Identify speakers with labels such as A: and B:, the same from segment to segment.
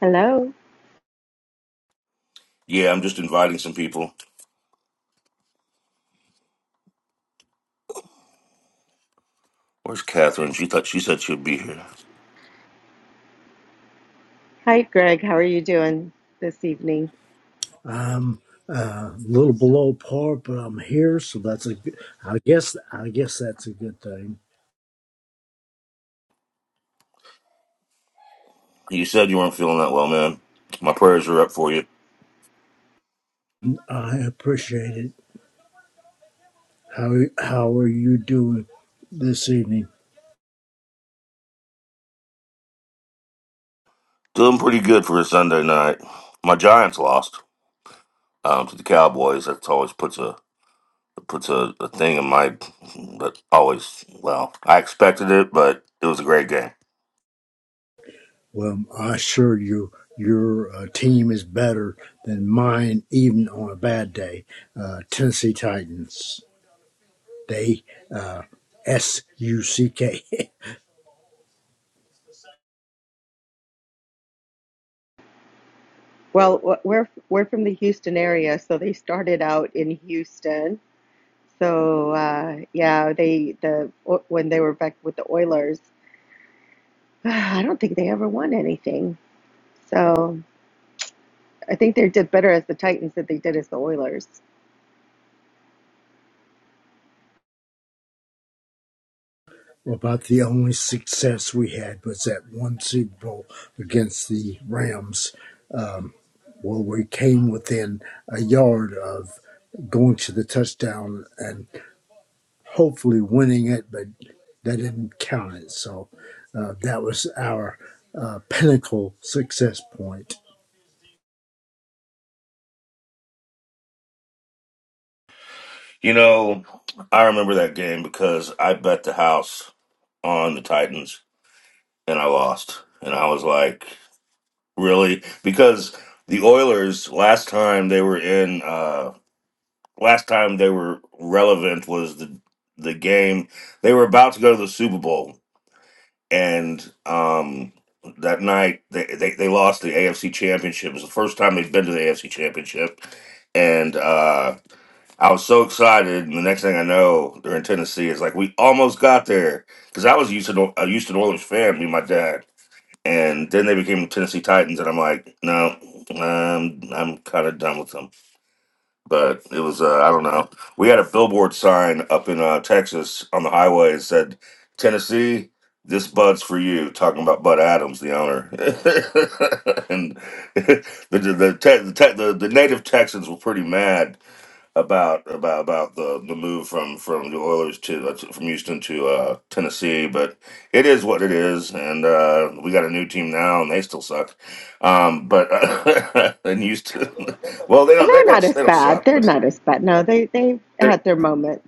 A: Hello.
B: Yeah, I'm just inviting some people. Where's Catherine? She thought she said she'd be here.
A: Hi, Greg. How are you doing this evening?
C: I'm uh, a little below par, but I'm here, so that's a good. I guess I guess that's a good thing.
B: You said you weren't feeling that well, man. My prayers are up for you.
C: I appreciate it. How how are you doing this evening?
B: Doing pretty good for a Sunday night. My Giants lost um, to the Cowboys. That's always puts a puts a, a thing in my that always. Well, I expected it, but it was a great game.
C: Well, I assure you, your uh, team is better than mine, even on a bad day. Uh, Tennessee Titans. They S U C K.
A: Well, w- we're we're from the Houston area, so they started out in Houston. So uh, yeah, they the when they were back with the Oilers, I don't think they ever won anything. So I think they did better as the Titans than they did as the Oilers.
C: About the only success we had was that one Super Bowl against the Rams Well, we came within a yard of going to the touchdown and hopefully winning it, but that didn't count it. So uh, that was our uh, pinnacle success point.
B: You know, I remember that game because I bet the house on the Titans and I lost, and I was like. really because the Oilers last time they were in uh last time they were relevant was the the game they were about to go to the Super Bowl and um that night they they, they lost the AFC championship. It was the first time they'd been to the AFC championship and uh I was so excited and the next thing I know they're in Tennessee it's like we almost got there cuz I was a Houston a Houston Oilers fan me and my dad and then they became Tennessee Titans, and I'm like, no, um, I'm kind of done with them. But it was, uh, I don't know. We had a billboard sign up in uh, Texas on the highway that said, "Tennessee, this bud's for you." Talking about Bud Adams, the owner, and the the the, te- the, te- the the native Texans were pretty mad about about about the the move from from the Oilers to uh, to- from Houston to uh, Tennessee, but it is what it is, and uh, we got a new team now, and they still suck. Um, but uh, and Houston, well, they
A: Well,
B: don't they
A: they're not
B: don't
A: as
B: they don't
A: bad.
B: suck,
A: They're
B: but
A: not as bad. No, they they
B: they're
A: had their moments.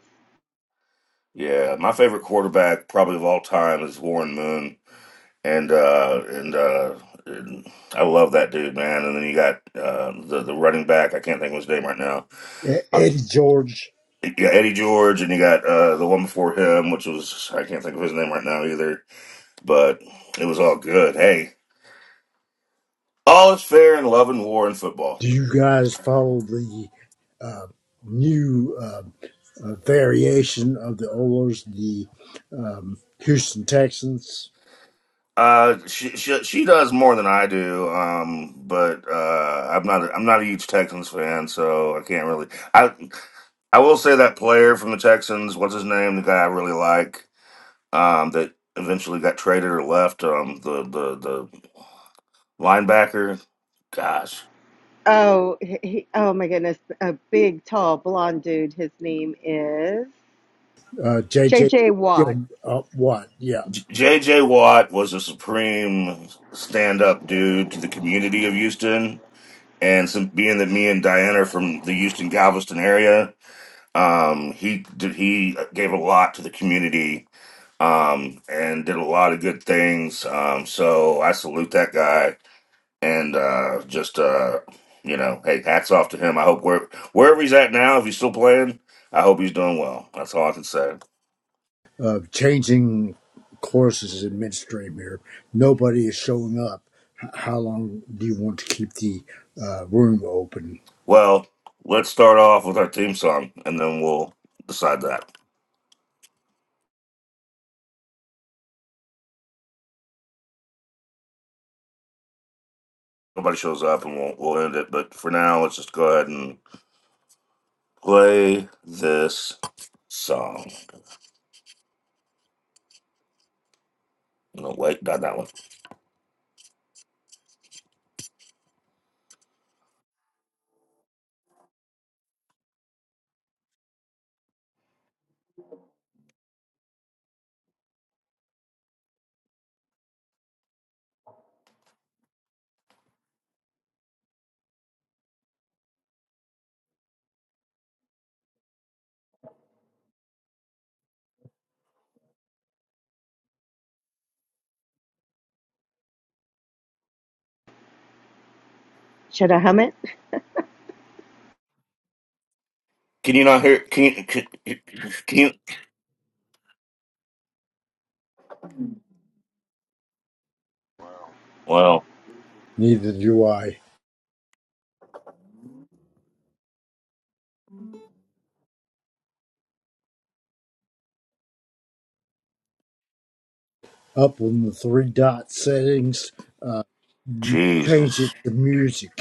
B: yeah. My favorite quarterback probably of all time is Warren Moon, and uh, and. Uh, and I love that dude, man. And then you got uh, the the running back. I can't think of his name right now
C: E- Eddie George,
B: you got Eddie George, and you got uh, the one before him, which was I can't think of his name right now either. But it was all good. Hey, all is fair in love and war and football.
C: do you guys follow the uh, new uh, uh, variation of the Oilers, the um, Houston Texans?
B: Uh, she, she she does more than I do. Um, but uh, I'm not a- I'm not a huge Texans fan, so I can't really. I I will say that player from the Texans, what's his name, the guy I really like, um, that eventually got traded or left, um, the the the linebacker. Gosh.
A: Oh, he, he- oh my goodness, a big, tall, blonde dude. His name is
C: Uh,
A: J.
C: JJ,
A: J. Watt.
C: uh, what? Yeah.
B: JJ Watt was a supreme stand up dude to the community of Houston. And some, being that me and Diane are from the Houston Galveston area, um, he did, he gave a lot to the community um, and did a lot of good things. Um, so I salute that guy and uh, just uh, you know, hey, hats off to him. I hope where, wherever he's at now, if he's still playing, I hope he's doing well. That's all I can say.
C: of changing courses in midstream here. Nobody is showing up. How long do you want to keep the uh, room open?
B: Well, let's start off with our theme song, and then we'll decide that. Nobody shows up, and we'll we'll end it. But for now, let's just go ahead and play this song. No, wait, not that one.
A: Should I hum it?
B: Can you not hear? Can you? Can, can you? Well,
C: Neither do I. Up on the three dot settings, uh, change it
B: Jesus.
C: to music.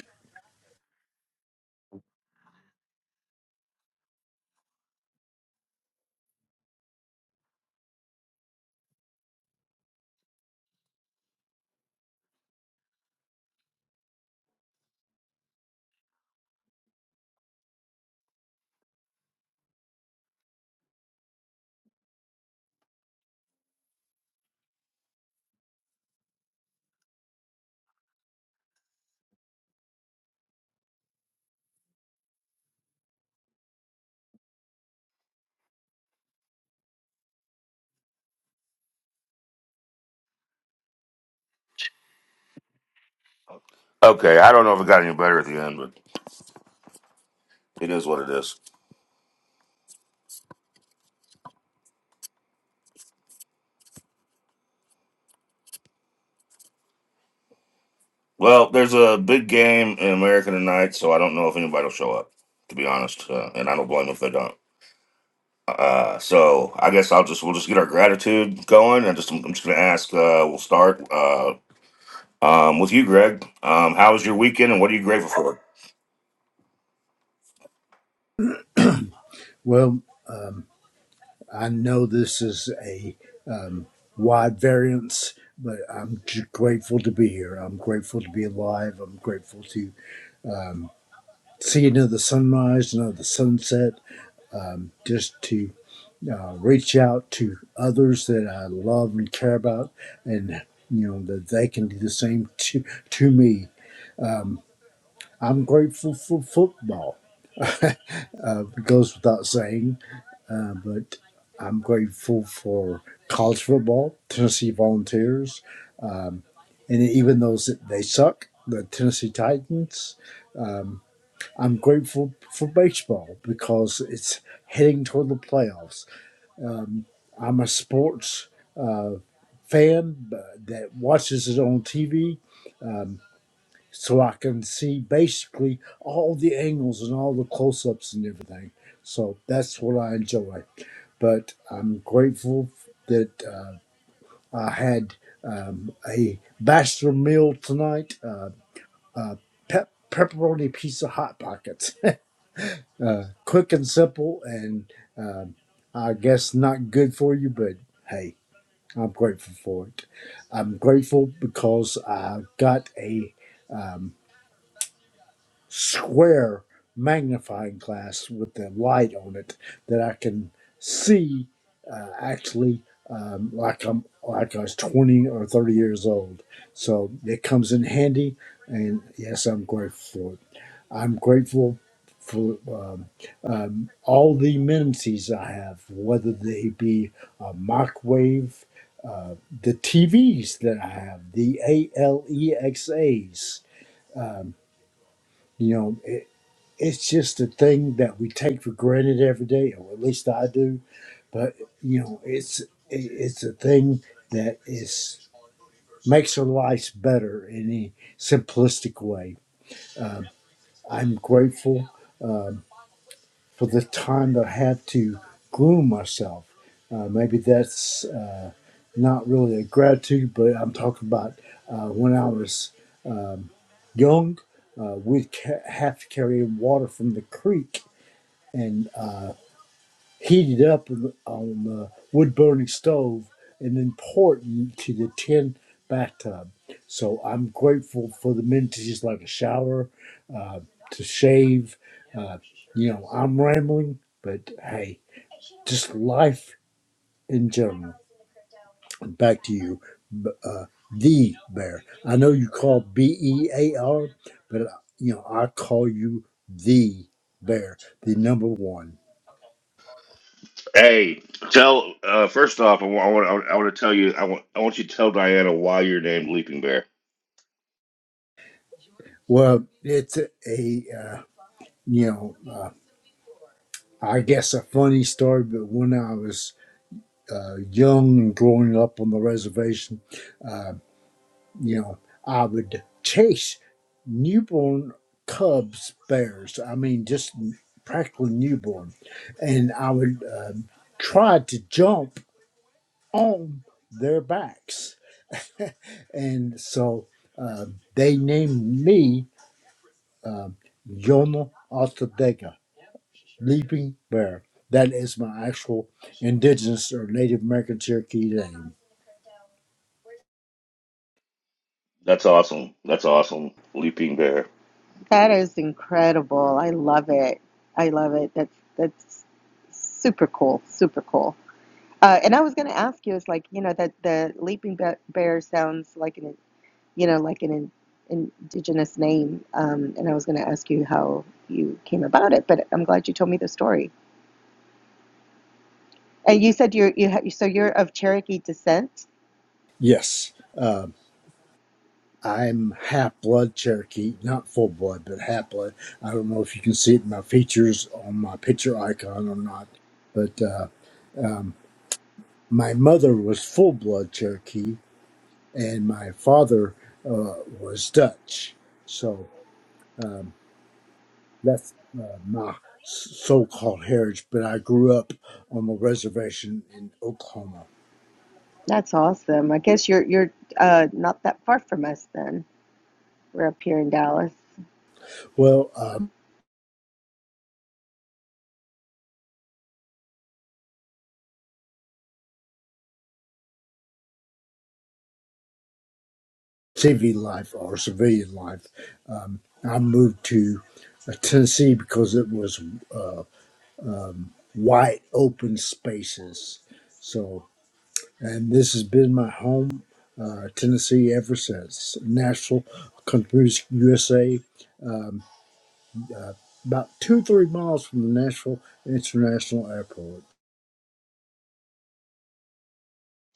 B: Okay, I don't know if it got any better at the end, but it is what it is. Well, there's a big game in America tonight, so I don't know if anybody will show up. To be honest, uh, and I don't blame them if they don't. Uh, so I guess I'll just we'll just get our gratitude going, and just I'm, I'm just gonna ask. Uh, we'll start uh, um, with you, Greg. Um, how was your weekend, and what are you grateful for?
C: Well, I know this is a um, wide variance, but I'm j- grateful to be here. I'm grateful to be alive. I'm grateful to see another sunrise, another sunset. Um, just to uh, reach out to others that I love and care about, and you know that they can do the same to to me. I'm grateful for football. Uh, it goes without saying, uh, but I'm grateful for college football, Tennessee Volunteers, and even those that they suck, the Tennessee Titans. Um, I'm grateful for baseball because it's heading toward the playoffs I'm a sports uh, fan uh, that watches it on TV, so I can see basically all the angles and all the close-ups and everything. So that's what I enjoy. But I'm grateful that uh, I had um, a bachelor meal tonight. Uh, uh, pep- pepperoni pizza hot pockets. uh, quick and simple, and um I guess not good for you, but hey. I'm grateful for it. I'm grateful because I got a um, square magnifying glass with the light on it that I can see uh, actually um, like I'm like I was 20 or 30 years old. So it comes in handy, and yes, I'm grateful for it. I'm grateful for um, um, all the amenities I have, whether they be a microwave, uh, the TVs that I have, the ALEXAs, You know it's just a thing that we take for granted every day, or at least I do. But you know, it's it's a thing that is makes our lives better in a simplistic way. I'm grateful for the time that I had to groom myself. Uh, maybe that's uh, not really a gratitude, but I'm talking about uh, when I was um, young. Uh, we'd ca- have to carry water from the creek, and uh, heated up on the wood burning stove and then poured into the tin bathtub. So I'm grateful for the amenities like a shower, uh, to shave. Uh, you know, I'm rambling, but hey, just life in general. Back to you, B- uh, the bear. I know you call B E A R, but uh, you know I call you the bear, the number one.
B: Hey, tell uh, first off, I want I want I want to tell you I want I want you to tell Diana why you're named Leaping Bear.
C: Well, it's a, a uh, you know, uh, I guess a funny story, but when I was uh, young and growing up on the reservation, uh, you know, I would chase newborn cubs, bears. I mean, just practically newborn, and I would uh, try to jump on their backs, and so uh, they named me uh, Yono Altadega. Leaping Bear. That is my actual indigenous or Native American Cherokee name.
B: That's awesome. That's awesome. Leaping Bear.
A: That is incredible. I love it. I love it. That's that's super cool. Super cool. Uh, and I was going to ask you, it's like you know that the leaping Be- bear sounds like an you know like an in- indigenous name. Um, and I was going to ask you how you came about it, but I'm glad you told me the story. And you said you're you ha- so you're of Cherokee descent.
C: Yes, um, I'm half blood Cherokee, not full blood, but half blood. I don't know if you can see it in my features on my picture icon or not, but uh, um, my mother was full blood Cherokee, and my father uh, was Dutch. So um, that's uh, my so called heritage, but I grew up on the reservation in Oklahoma.
A: That's awesome. I guess you're you're uh, not that far from us then. We're up here in Dallas.
C: Well, um, CV life or civilian life, um, I moved to uh, Tennessee because it was uh, wide open spaces. So, and this has been my home, uh, Tennessee, ever since. Nashville, Country Music USA, about two three miles from the Nashville International Airport.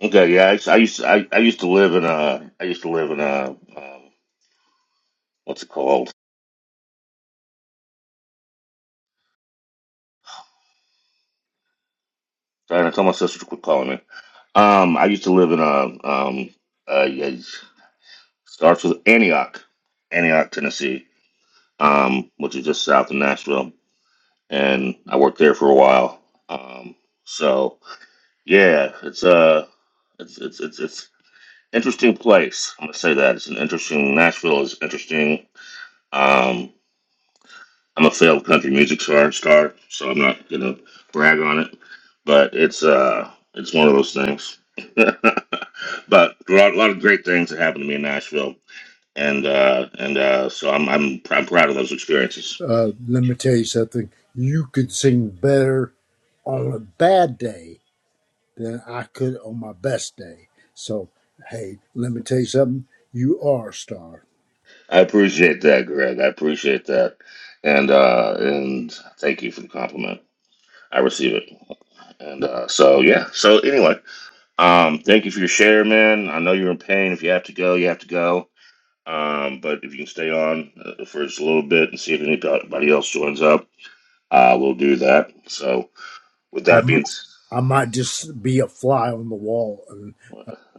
B: Okay, yeah, I, used- I used to, I, I used to live in uh I used to live in uh um, what's it called? Diana, tell my sister to quit calling me. Um, I used to live in a um uh yeah, Starts with Antioch, Antioch, Tennessee, um, which is just south of Nashville, and I worked there for a while. Um, so yeah, it's a it's it's it's it's interesting place. I'm gonna say that it's an interesting. Nashville is interesting. Um, I'm a failed country music star, star, so I'm not gonna brag on it, but it's uh it's one of those things. but there are a lot of great things that happened to me in Nashville and uh, and uh, so I'm I'm I'm proud of those experiences.
C: Uh, let me tell you something. You could sing better on a bad day than I could on my best day. So hey, let me tell you something. You are a star.
B: I appreciate that, Greg. I appreciate that, and uh, and thank you for the compliment. I receive it, and uh, so yeah. So anyway, um, thank you for your share, man. I know you're in pain. If you have to go, you have to go. Um, but if you can stay on uh, for just a little bit and see if anybody else joins up, uh, we'll do that. So with
C: I
B: that being,
C: might,
B: s-
C: I might just be a fly on the wall and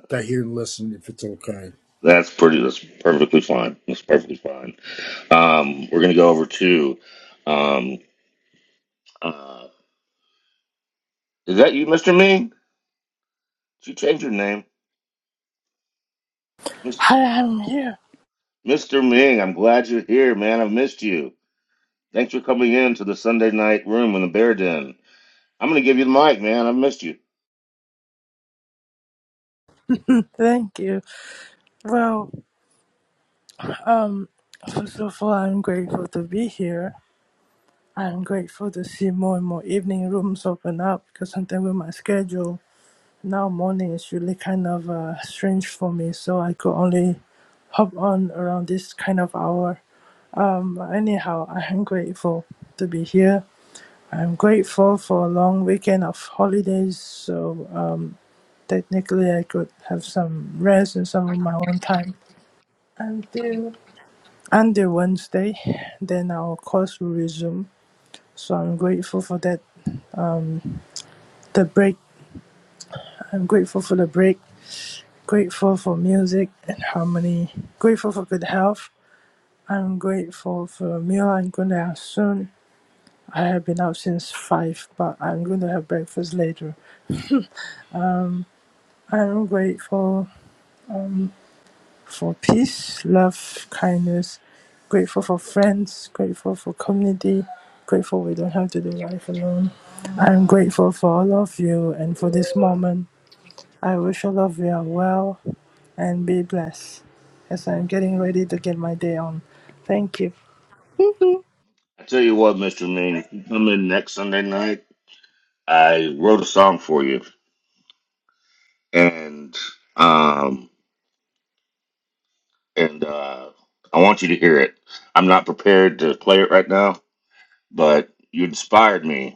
C: stay here and listen if it's okay.
B: that's pretty. That's perfectly fine. That's perfectly fine. Um, we're gonna go over to. Um, uh, is that you, Mr. Ming? Did you change your name,
D: Hi, I'm here.
B: Mr. Ming? I'm glad you're here, man. I've missed you. Thanks for coming in to the Sunday night room in the Bear Den. I'm gonna give you the mic, man. I've missed you.
D: Thank you. Well, um, first of all, I'm grateful to be here. I'm grateful to see more and more evening rooms open up because sometimes with my schedule now morning is really kind of uh, strange for me, so I could only hop on around this kind of hour. Um, anyhow, I'm grateful to be here. I'm grateful for a long weekend of holidays, so uh, technically I could have some rest and some of my own time. until. Under Wednesday, then our course will resume. So I'm grateful for that. The break. I'm grateful for the break. Grateful for music and harmony. Grateful for good health. I'm grateful for a meal I'm going to have soon. I have been out since five, but I'm going to have breakfast later. I'm grateful for peace, love, kindness, grateful for friends, grateful for community, grateful we don't have to do life alone. I'm grateful for all of you and for this moment. I wish all of you are well and be blessed as I'm getting ready to get my day on. Thank you.
B: I tell you what, Mr. Ming, if you come in next Sunday night, I wrote a song for you, and um, and uh, I want you to hear it. I'm not prepared to play it right now, but you inspired me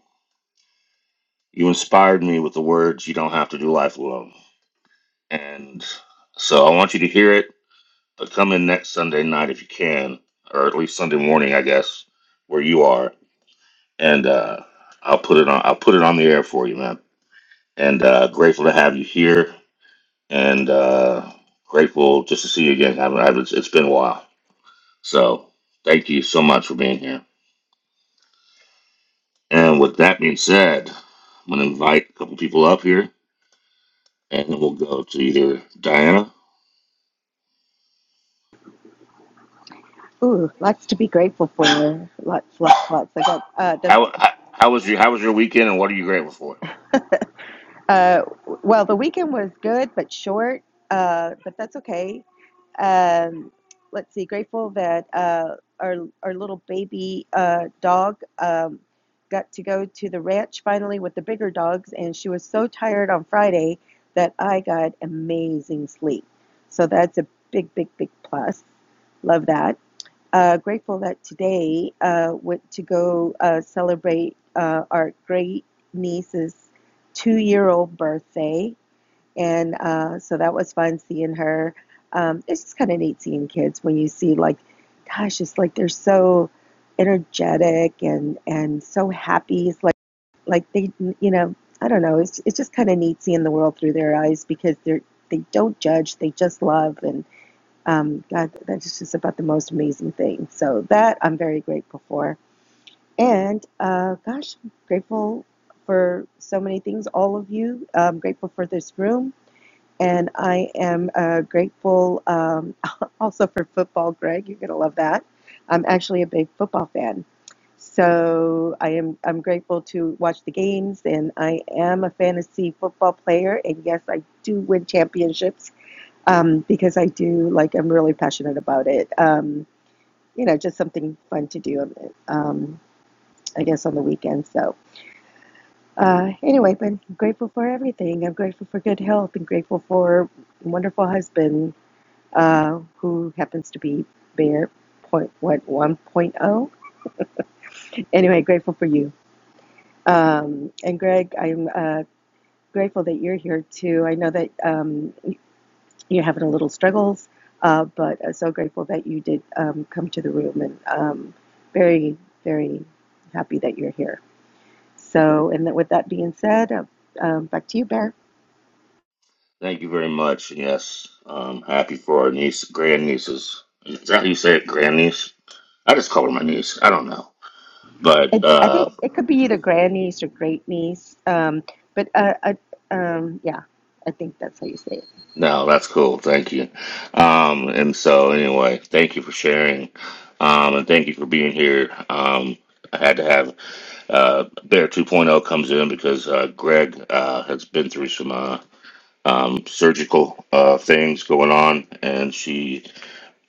B: You inspired me with the words, You Don't Have to Do Life Alone. And so I want you to hear it, but come in next Sunday night if you can, or at least Sunday morning, I guess, where you are. And uh, I'll put it on. I'll put it on the air for you, man. And uh, grateful to have you here, and uh, grateful just to see you again. I I have it's been a while. So thank you so much for being here. And with that being said, I'm gonna invite a couple people up here, and then we'll go to either Diana
A: Ooh, lots to be grateful for. Lots, lots, lots. I got uh, the
B: How, how how was your How was your weekend, and what are you grateful for?
A: Uh, well, the weekend was good but short, uh, but that's okay. Um, let's see, grateful that uh, our, our little baby uh, dog um, got to go to the ranch finally with the bigger dogs, and she was so tired on Friday that I got amazing sleep. So that's a big, big, big plus. Love that uh, grateful that today uh, went to go uh, celebrate uh, our great niece's two-year-old birthday, and uh, so that was fun seeing her. Um, it's just kind of neat seeing kids when you see like, gosh, it's like they're so energetic and and so happy. It's like like they you know I don't know. It's it's just kind of neat seeing the world through their eyes because they're they don't judge. They just love and um, God, that is just about the most amazing thing. So that I'm very grateful for. And uh, gosh, I'm grateful for so many things, all of you. I'm grateful for this room. And I am uh, grateful um, also for football, Greg. You're going to love that. I'm actually a big football fan. So I am I'm grateful to watch the games and I am a fantasy football player and yes I do win championships um, because I do like I'm really passionate about it. Um, you know, just something fun to do. Um, I guess on the weekend. So uh, anyway, but I'm grateful for everything. I'm grateful for good health. and grateful for a wonderful husband uh, who happens to be Bear point what one point oh. Anyway, grateful for you. Um, and Greg, I'm uh, grateful that you're here too. I know that. Um, you're having a little struggles, uh, but uh, so grateful that you did um, come to the room and um, very, very happy that you're here. So, and that with that being said, uh, um, back to you, Bear.
B: Thank you very much. Yes, um, happy for our niece, grand nieces. Is that how you say it, grand niece? I just call her my niece. I don't know, but
A: It's, I think
B: uh,
A: it could be either grandniece or great niece, um, but uh, I, um, yeah, I think that's how you say it.
B: no, that's cool. Thank you. Um, and so anyway, thank you for sharing, um, and thank you for being here. Um, I had to have uh, Bear 2.0 comes in because uh, Greg uh, has been through some uh, um, surgical uh, things going on, and she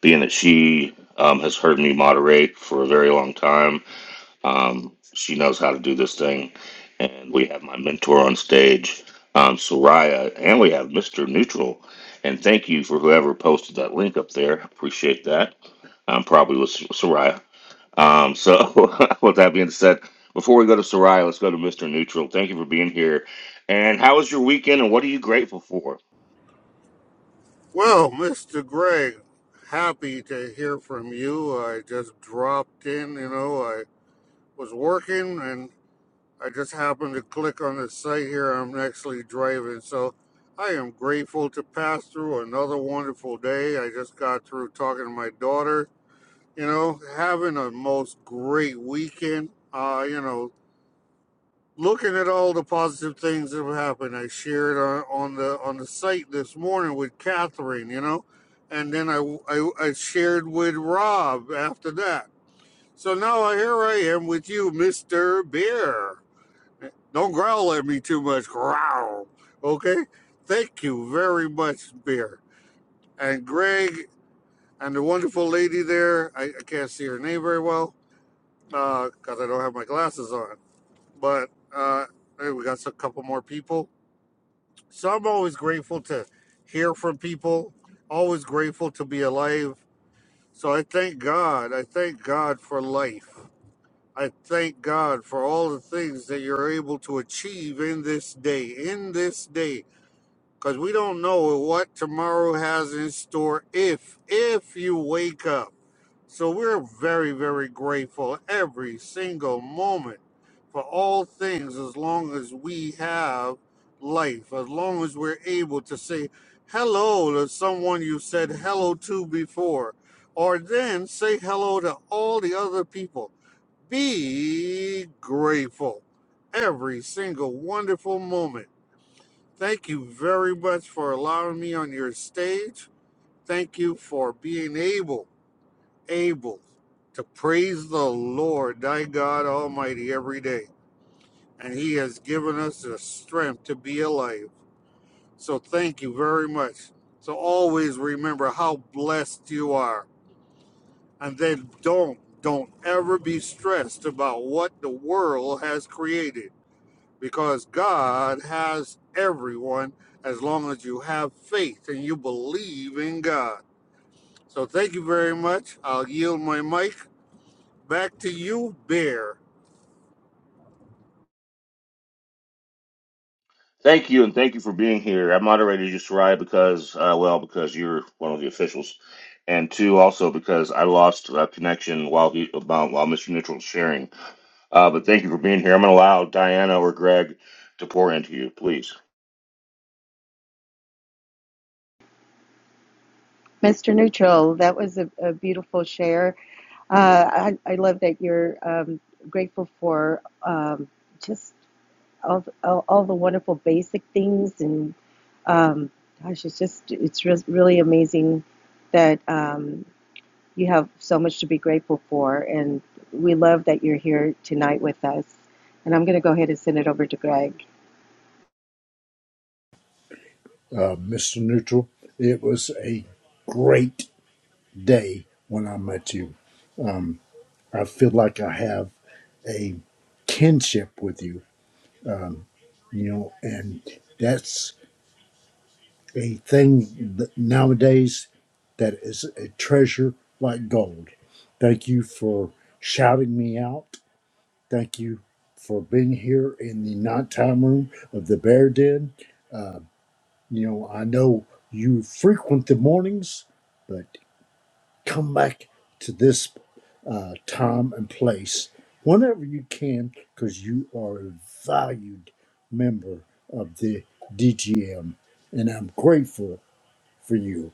B: being that she um, has heard me moderate for a very long time. Um, she knows how to do this thing, and we have my mentor on stage, um, Soraya, and we have Mr. Neutral. And thank you for whoever posted that link up there. Appreciate that. Um, probably with Soraya. Um, so, with that being said, before we go to Soraya, let's go to Mr. Neutral. Thank you for being here. And how was your weekend, and what are you grateful for?
E: Well, Mr. Gray, happy to hear from you. I just dropped in, you know, I was working and I just happened to click on the site here. I'm actually driving. So I am grateful to pass through another wonderful day. I just got through talking to my daughter, you know, having a most great weekend. Uh, you know, looking at all the positive things that have happened. I shared on, on the on the site this morning with Catherine, you know, and then I, I I shared with Rob after that. So now here I am with you, Mister Bear. Don't growl at me too much, growl. Okay, thank you very much, Bear and Greg and the wonderful lady there. I, I can't see her name very well because uh, I don't have my glasses on, but. Uh, Hey, we got a couple more people. So I'm always grateful to hear from people, always grateful to be alive. So I thank God. I thank God for life. I thank God for all the things that you're able to achieve in this day, in this day, because we don't know what tomorrow has in store if, if you wake up. So we're very, very grateful every single moment for all things as long as we have life, as long as we're able to say hello to someone you said hello to before, or then say hello to all the other people. Be grateful every single wonderful moment. Thank you very much for allowing me on your stage. Thank you for being able able to praise the Lord, thy God Almighty, every day. And He has given us the strength to be alive. So thank you very much. So always remember how blessed you are. And then don't, don't ever be stressed about what the world has created because God has everyone as long as you have faith and you believe in God. So thank you very much. I'll yield my mic back to you, Bear.
B: Thank you, and thank you for being here. I moderated you, Soraya, because, uh, well, because you're one of the officials, and two, also because I lost uh, connection while he, about, while Mr. Neutral was sharing. Uh, but thank you for being here. I'm going to allow Diana or Greg to pour into you, please.
A: Mr. Neutral, that was a, a beautiful share. Uh, I, I love that you're um, grateful for um, just. all, all, all the wonderful basic things and um, gosh it's just it's re- really amazing that um, you have so much to be grateful for and we love that you're here tonight with us and i'm going to go ahead and send it over to greg
C: Uh, Mr. Neutral, it was a great day when I met you. I feel like I have a kinship with you you know, and that's a thing that nowadays that is a treasure like gold. Thank you for shouting me out. Thank you for being here in the nighttime room of the Bear Den. Uh, you know, I know you frequent the mornings, but come back to this uh, time and place whenever you can because you are a valued member of the DGM and I'm grateful for you.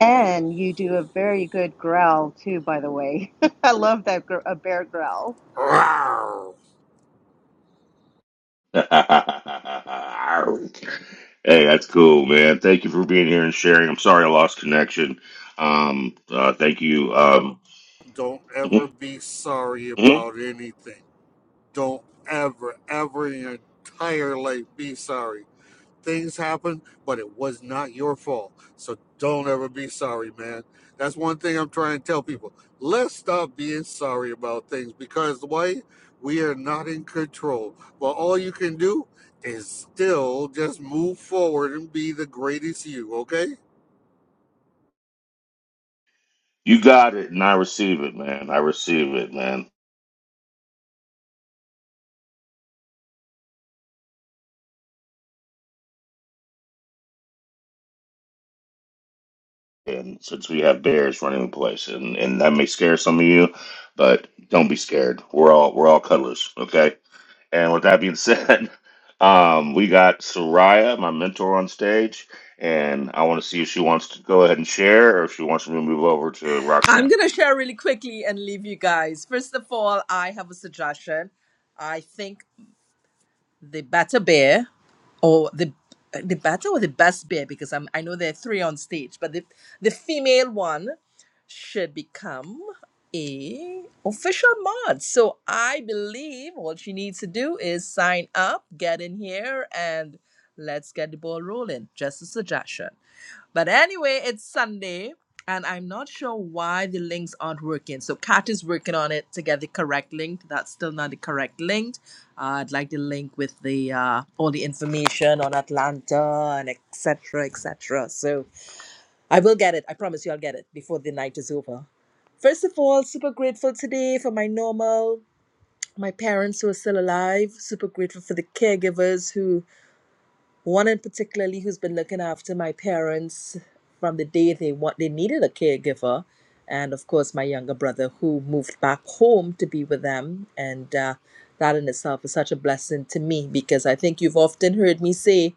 A: and you do a very good growl too by the way i love that gr- a bear growl
B: hey, that's cool, man. Thank you for being here and sharing. I'm sorry I lost connection. Um, uh, thank you. Um,
E: Don't ever
B: mhm,
E: be sorry
B: mhm.
E: about anything. Don't ever, ever in your entire life be sorry. Things happen, but it was not your fault. So don't ever be sorry, man. That's one thing I'm trying to tell people. Let's stop being sorry about things because why? We are not in control. But all you can do is still just move forward and be the greatest you, okay?
B: you got it, and I receive it, man. I receive it, man. and since we have bears running the place, and and that may scare some of you, but don't be scared. We're all we're all cuddlers, okay? And with that being said, um, we got Soraya, my mentor, on stage, and I want to see if she wants to go ahead and share, or if she wants me to move over to
F: I'm
B: Roxanne.
F: going to share really quickly and leave you guys. First of all, I have a suggestion. I think the better beer or the the better or the best beer because I'm I know there are three on stage, but the the female one should become a official mod. So I believe all she needs to do is sign up, get in here and let's get the ball rolling. Just a suggestion. But anyway, it's Sunday, and I'm not sure why the links aren't working. So Kat is working on it to get the correct link. That's still not the correct link. Uh, I'd like the link with the uh, all the information on Atlanta and etc. etc. So I will get it. I promise you, I'll get it before the night is over. First of all, super grateful today for my normal, my parents who are still alive. Super grateful for the caregivers who. One in particularly who's been looking after my parents from the day they want they needed a caregiver, and of course my younger brother who moved back home to be with them, and uh, that in itself is such a blessing to me because I think you've often heard me say.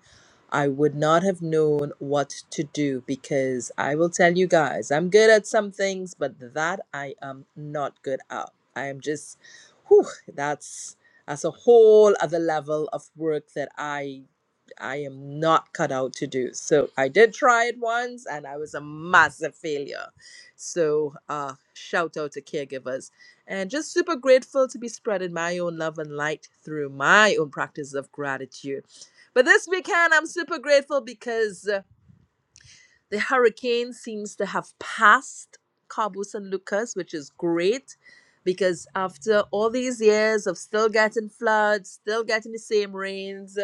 F: I would not have known what to do because I will tell you guys, I'm good at some things, but that I am not good at. I am just, whew, that's that's a whole other level of work that I I am not cut out to do. So I did try it once and I was a massive failure. So uh, shout out to caregivers and just super grateful to be spreading my own love and light through my own practice of gratitude. But this weekend, I'm super grateful because uh, the hurricane seems to have passed Cabo San Lucas, which is great because after all these years of still getting floods, still getting the same rains,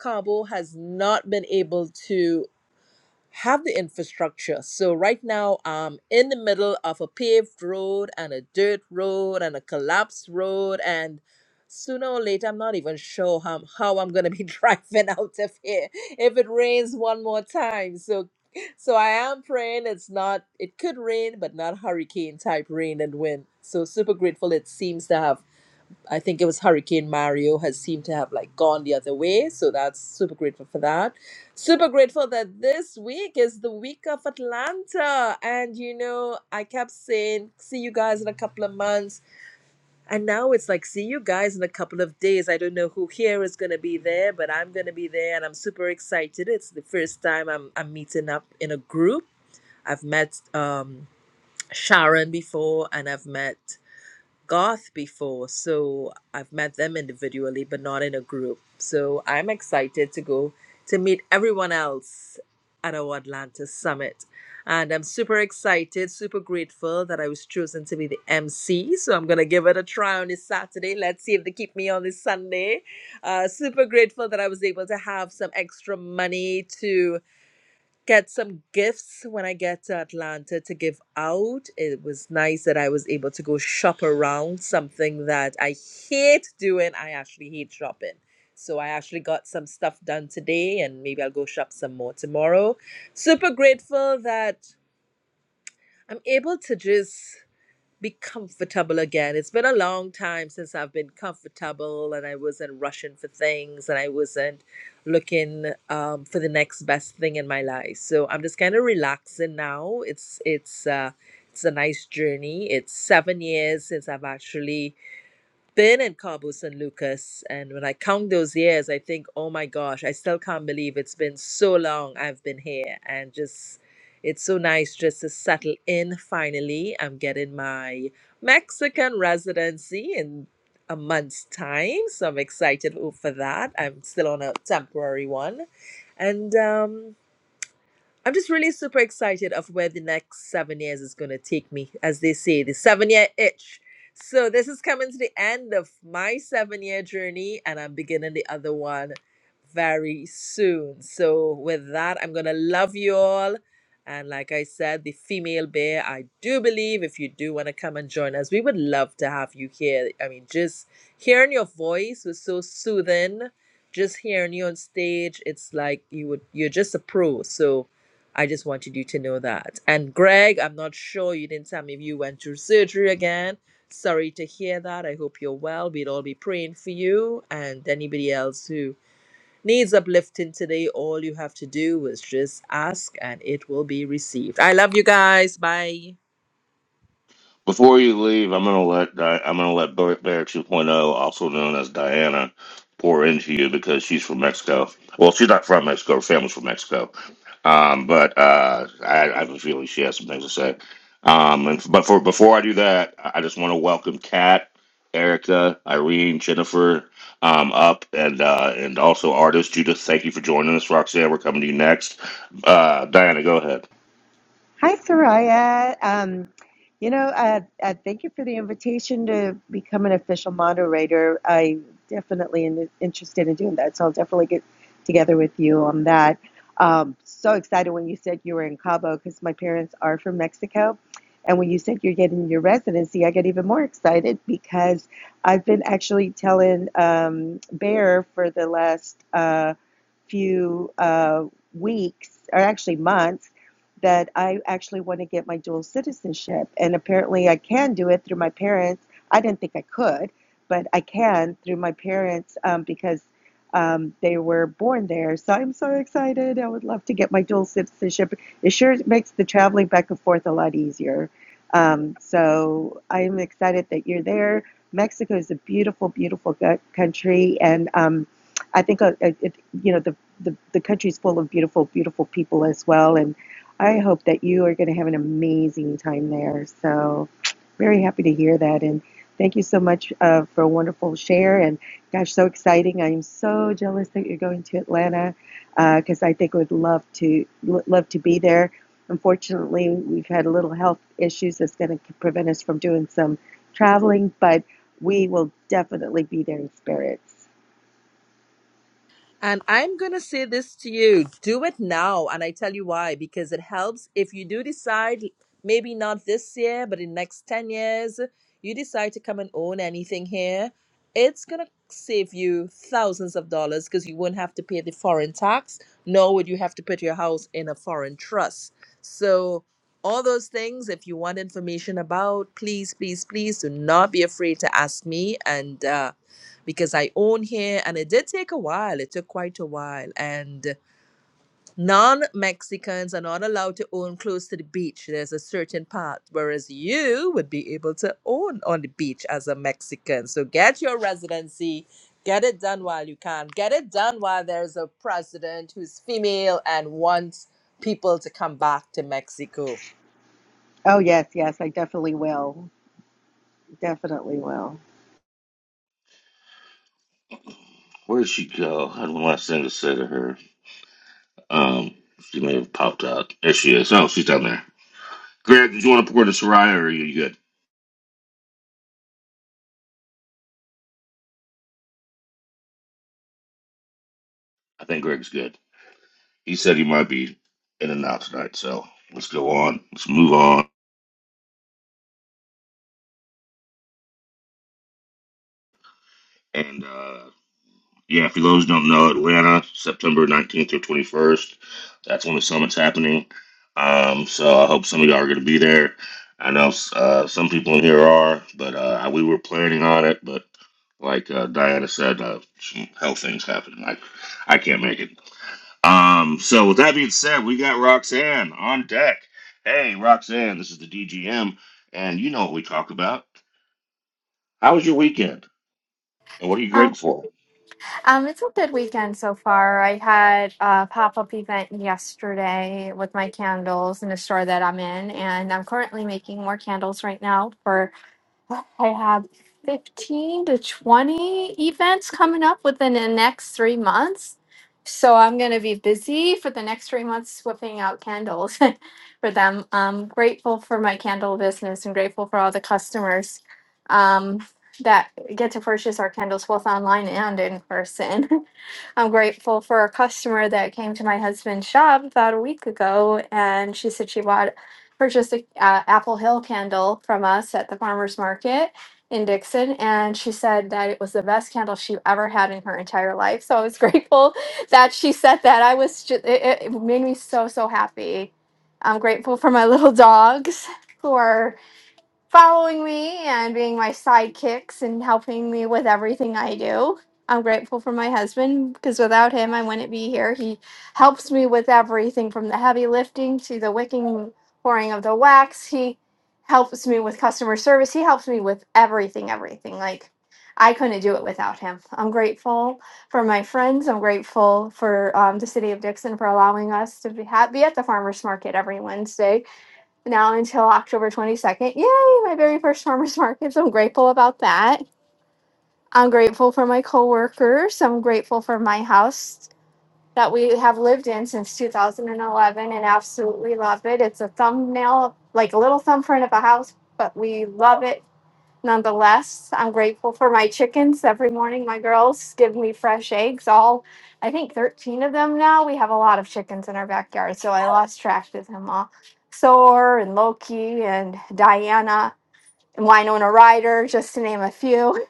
F: Cabo has not been able to have the infrastructure. So right now I'm in the middle of a paved road and a dirt road and a collapsed road and sooner or later I'm not even sure how, how I'm gonna be driving out of here if it rains one more time. So so I am praying it's not it could rain but not hurricane type rain and wind. So super grateful it seems to have I think it was Hurricane Mario has seemed to have like gone the other way. So that's super grateful for that. Super grateful that this week is the week of Atlanta. And you know, I kept saying, see you guys in a couple of months. And now it's like, see you guys in a couple of days. I don't know who here is going to be there, but I'm going to be there and I'm super excited. It's the first time I'm, I'm meeting up in a group. I've met um, Sharon before and I've met goth before so i've met them individually but not in a group so i'm excited to go to meet everyone else at our atlanta summit and i'm super excited super grateful that i was chosen to be the mc so i'm going to give it a try on this saturday let's see if they keep me on this sunday uh, super grateful that i was able to have some extra money to get some gifts when I get to Atlanta to give out. It was nice that I was able to go shop around something that I hate doing. I actually hate shopping. So I actually got some stuff done today and maybe I'll go shop some more tomorrow. Super grateful that I'm able to just be comfortable again. It's been a long time since I've been comfortable and I wasn't rushing for things and I wasn't looking um, for the next best thing in my life. So I'm just kind of relaxing now. It's it's uh, it's a nice journey. It's seven years since I've actually been in Cabo San Lucas, and when I count those years, I think, oh my gosh, I still can't believe it's been so long I've been here, and just it's so nice just to settle in finally. I'm getting my Mexican residency in a month's time, so I'm excited o- for that. I'm still on a temporary one, and um. I'm just really super excited of where the next seven years is going to take me, as they say, the seven year itch. So this is coming to the end of my seven year journey, and I'm beginning the other one very soon. So with that, I'm gonna love you all. And like I said, the female bear, I do believe if you do want to come and join us, we would love to have you here. I mean, just hearing your voice was so soothing. Just hearing you on stage, it's like you would you're just a pro. So I just wanted you to know that. And Greg, I'm not sure you didn't tell me if you went through surgery again. Sorry to hear that. I hope you're well. we would all be praying for you and anybody else who needs uplifting today. All you have to do is just ask and it will be received. I love you guys. Bye.
B: Before you leave, I'm gonna let Di- I'm gonna let Bear Bear 2.0, also known as Diana, pour into you because she's from Mexico. Well, she's not from Mexico; her family's from Mexico. Um, but uh, I, I have a feeling she has some things to say. Um, and but for before I do that, I I just want to welcome Kat, Erica, Irene, Jennifer, um, up, and uh, and also artist Judith. Thank you for joining us, Roxanne. We're coming to you next. Uh, Diana, go ahead.
A: Hi, Soraya. Um, you know, uh, uh, thank you for the invitation to become an official moderator. I definitely am interested in doing that, so I'll definitely get together with you on that. Um, so excited when you said you were in Cabo because my parents are from Mexico. And when you said you're getting your residency, I got even more excited because I've been actually telling um, Bear for the last uh, few uh, weeks, or actually months, that I actually want to get my dual citizenship. And apparently, I can do it through my parents. I didn't think I could, but I can through my parents um, because um, they were born there. So I'm so excited. I would love to get my dual citizenship. It sure makes the traveling back and forth a lot easier. Um, so I'm excited that you're there. Mexico is a beautiful, beautiful country, and um, I think uh, it, you know the the, the country's full of beautiful, beautiful people as well. And I hope that you are going to have an amazing time there. So, very happy to hear that. And thank you so much uh, for a wonderful share. And gosh, so exciting. I'm so jealous that you're going to Atlanta because uh, I think would love to love to be there. Unfortunately, we've had a little health issues that's going to prevent us from doing some traveling, but we will definitely be there in spirits.
F: And I'm going to say this to you do it now. And I tell you why because it helps if you do decide, maybe not this year, but in next 10 years, you decide to come and own anything here. It's going to save you thousands of dollars because you won't have to pay the foreign tax, nor would you have to put your house in a foreign trust. So, all those things, if you want information about, please, please, please do not be afraid to ask me. And, uh, because I own here and it did take a while. It took quite a while. And non Mexicans are not allowed to own close to the beach. There's a certain part, whereas you would be able to own on the beach as a Mexican. So get your residency. Get it done while you can. Get it done while there's a president who's female and wants people to come back to Mexico.
A: Oh, yes, yes, I definitely will. Definitely will.
B: Where did she go? I had one last thing to say to her. Um, she may have popped out. There she is. Oh, she's down there. Greg, did you want to pour the Soraya or are you good? I think Greg's good. He said he might be in and out tonight, so let's go on. Let's move on. And uh yeah, for those who don't know, Atlanta, September nineteenth through twenty first. That's when the summit's happening. Um, so I hope some of y'all are gonna be there. I know uh, some people in here are, but uh, we were planning on it. But like uh, Diana said, uh, some health things happened. I, I can't make it. Um, so with that being said, we got Roxanne on deck. Hey, Roxanne, this is the DGM, and you know what we talk about. How was your weekend, and what are you
G: Um,
B: grateful for?
G: um, it's a good weekend so far. I had a pop-up event yesterday with my candles in a store that I'm in, and I'm currently making more candles right now for I have 15 to 20 events coming up within the next three months. So I'm going to be busy for the next three months whipping out candles for them. I'm grateful for my candle business and grateful for all the customers um, that get to purchase our candles both online and in person. I'm grateful for a customer that came to my husband's shop about a week ago, and she said she bought purchased a uh, Apple Hill candle from us at the farmers market in Dixon, and she said that it was the best candle she ever had in her entire life. So I was grateful that she said that. I was just, it, it it made me so so happy. I'm grateful for my little dogs who are following me and being my sidekicks and helping me with everything I do. I'm grateful for my husband because without him, I wouldn't be here. He helps me with everything from the heavy lifting to the wicking, pouring of the wax. He helps me with customer service. He helps me with everything, everything. Like, I couldn't do it without him. I'm grateful for my friends. I'm grateful for um, the city of Dixon for allowing us to be, ha- be at the farmers market every Wednesday now until October 22nd. Yay, my very first farmers market. So I'm grateful about that. I'm grateful for my coworkers. I'm grateful for my house that we have lived in since 2011 and absolutely love it. It's a thumbnail, like a little thumbprint of a house, but we love it Nonetheless, I'm grateful for my chickens. Every morning, my girls give me fresh eggs. All, I think, 13 of them now. We have a lot of chickens in our backyard, so I lost track of them all. Soar and Loki and Diana and Winona Ryder, just to name a few.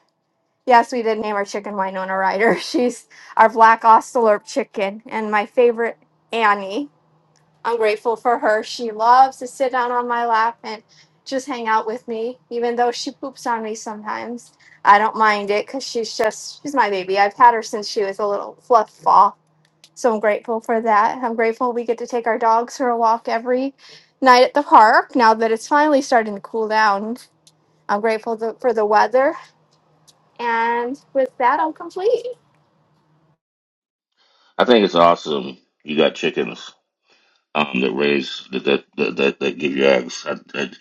G: Yes, we did name our chicken Winona Ryder. She's our black ocelot chicken, and my favorite Annie. I'm grateful for her. She loves to sit down on my lap and just hang out with me, even though she poops on me sometimes. I don't mind it because she's just, she's my baby. I've had her since she was a little fluff ball. So I'm grateful for that. I'm grateful we get to take our dogs for a walk every night at the park now that it's finally starting to cool down. I'm grateful th- for the weather. And with that, I'm complete.
B: I think it's awesome. You got chickens um, that raise that that that, that, that give you eggs. I, I,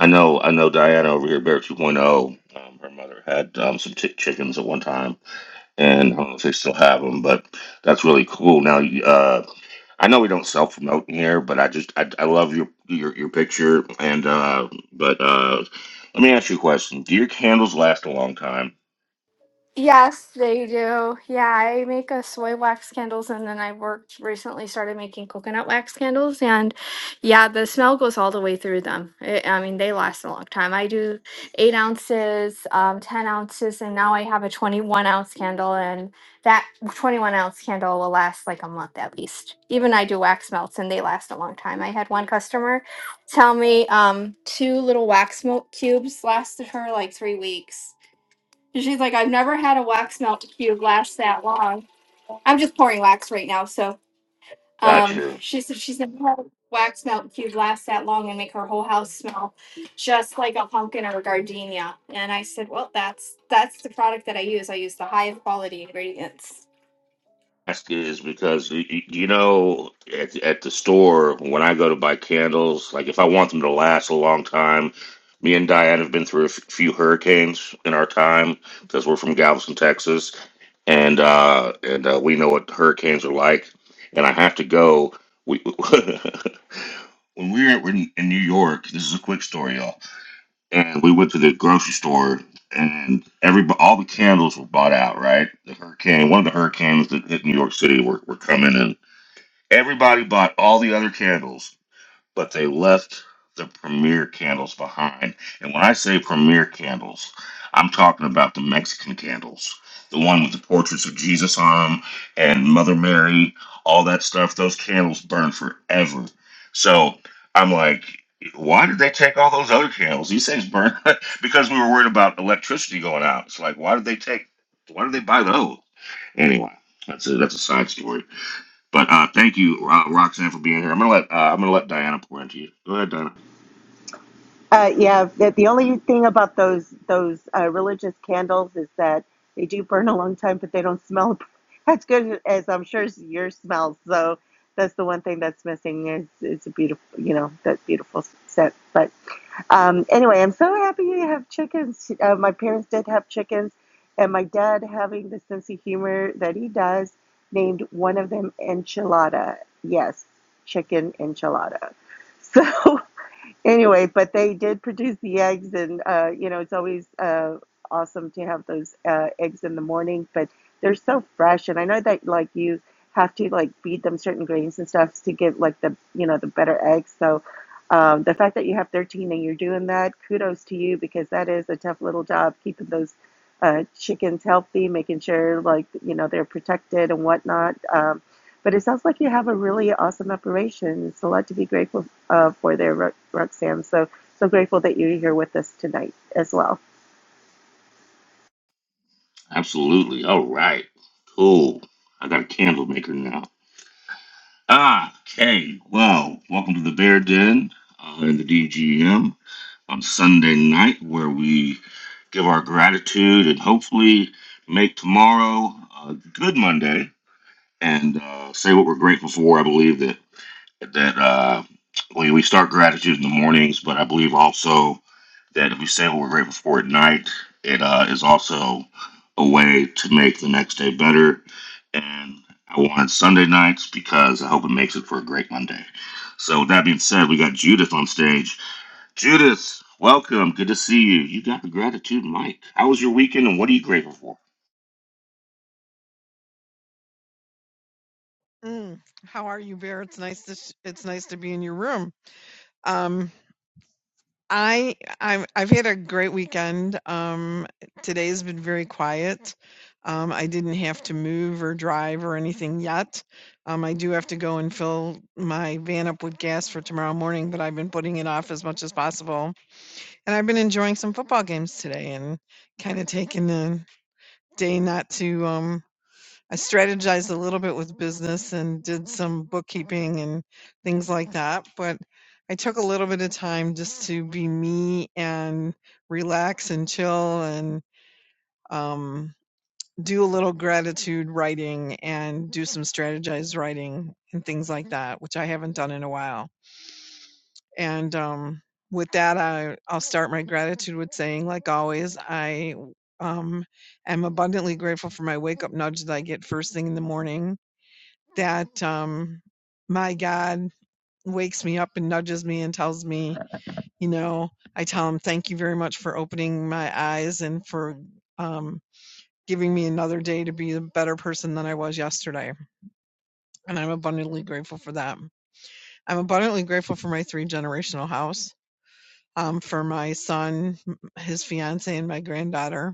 B: I know, I know. Diana over here, Bear 2.0. Um, her mother had um, some chick chickens at one time, and I don't know if they still have them, but that's really cool. Now, uh, I know we don't self promote in here, but I just I, I love your your your picture and uh but uh let me ask you a question. Do your candles last a long time?
G: Yes, they do. Yeah, I make a soy wax candles and then I worked recently started making coconut wax candles and yeah, the smell goes all the way through them. I I mean, they last a long time. I do eight ounces, um, 10 ounces, and now I have a 21 ounce candle and that 21 ounce candle will last like a month at least. Even I do wax melts and they last a long time. I had one customer tell me um, two little wax melt cubes lasted her like three weeks. And she's like, I've never had a wax melt cube last that long. I'm just pouring wax right now. So um,
B: Gotcha.
G: she said she's never had a wax melt cube last that long and make her whole house smell just like a pumpkin or a gardenia. And I said, well, that's that's the product that I use. I use the highest quality ingredients.
B: Ask is because y- y- you know at at the store when I go to buy candles, like if I want them to last a long time, me and Diane have been through a f- few hurricanes in our time because we're from Galveston, Texas, and uh and uh, we know what hurricanes are like. And I have to go. We when we were in, in New York, this is a quick story, y'all. And we went to the grocery store, and every all the candles were bought out. Right, the hurricane, one of the hurricanes that hit New York City, were, were coming, in. everybody bought all the other candles but they left the premier candles behind. And when I say premier candles, I'm talking about the Mexican candles, the one with the portraits of Jesus on them and Mother Mary, all that stuff. Those candles burn forever. So I'm like, why did they take all those other candles? These things burn because we were worried about electricity going out. It's like, why did they take? Why did they buy those? Anyway, that's a that's a side story. But uh, thank you, Ro- Roxanne, for being here. I'm gonna let uh, I'm gonna let Diana pour into you. Go ahead, Diana.
A: Uh, yeah, that the only thing about those those uh, religious candles is that they do burn a long time, but they don't smell as good as I'm sure as yours smells. So that's the one thing that's missing. Is it's a beautiful, you know, that beautiful scent. But um, anyway, I'm so happy you have chickens. Uh, my parents did have chickens, and my dad, having the sense of humor that he does, named one of them enchilada. Yes, chicken enchilada. So anyway, but they did produce the eggs, and uh, you know it's always uh, awesome to have those uh, eggs in the morning. But they're so fresh, and I know that like you have to like feed them certain grains and stuff to get like the you know the better eggs. So um, the fact that you have 13 and you're doing that, kudos to you because that is a tough little job keeping those uh, chickens healthy, making sure like you know they're protected and whatnot. Um, but it sounds like you have a really awesome operation. It's a lot to be grateful uh, for their Ro- Roxanne. So, so grateful that you're here with us tonight as well.
B: Absolutely. All right. Cool. I got a candle maker now. Ah, okay. Well, welcome to the Bear Den uh, in the DGM on Sunday night, where we give our gratitude and hopefully make tomorrow a good Monday and uh, say what we're grateful for. I believe that that uh, we, we start gratitude in the mornings, but I believe also that if we say what we're grateful for at night, it uh, is also a way to make the next day better. And I wanted Sunday nights because I hope it makes it for a great Monday. So, with that being said, we got Judith on stage. Judith, welcome. Good to see you. You got the gratitude, mic. How was your weekend and what are you grateful for?
H: Mm. How are you, Bear? It's nice to sh- it's nice to be in your room. Um, I I've I've had a great weekend. Um, today's been very quiet. Um, I didn't have to move or drive or anything yet. Um, I do have to go and fill my van up with gas for tomorrow morning, but I've been putting it off as much as possible. And I've been enjoying some football games today and kind of taking the day not to um I strategized a little bit with business and did some bookkeeping and things like that, but I took a little bit of time just to be me and relax and chill and um, do a little gratitude writing and do some strategized writing and things like that, which I haven't done in a while. And um, with that, I, I'll start my gratitude with saying, like always, I um, am abundantly grateful for my wake up nudge that I get first thing in the morning that um, my God wakes me up and nudges me and tells me, you know, I tell him, thank you very much for opening my eyes and for um, giving me another day to be a better person than I was yesterday. And I'm abundantly grateful for that. I'm abundantly grateful for my three generational house. Um, for my son, his fiance, and my granddaughter.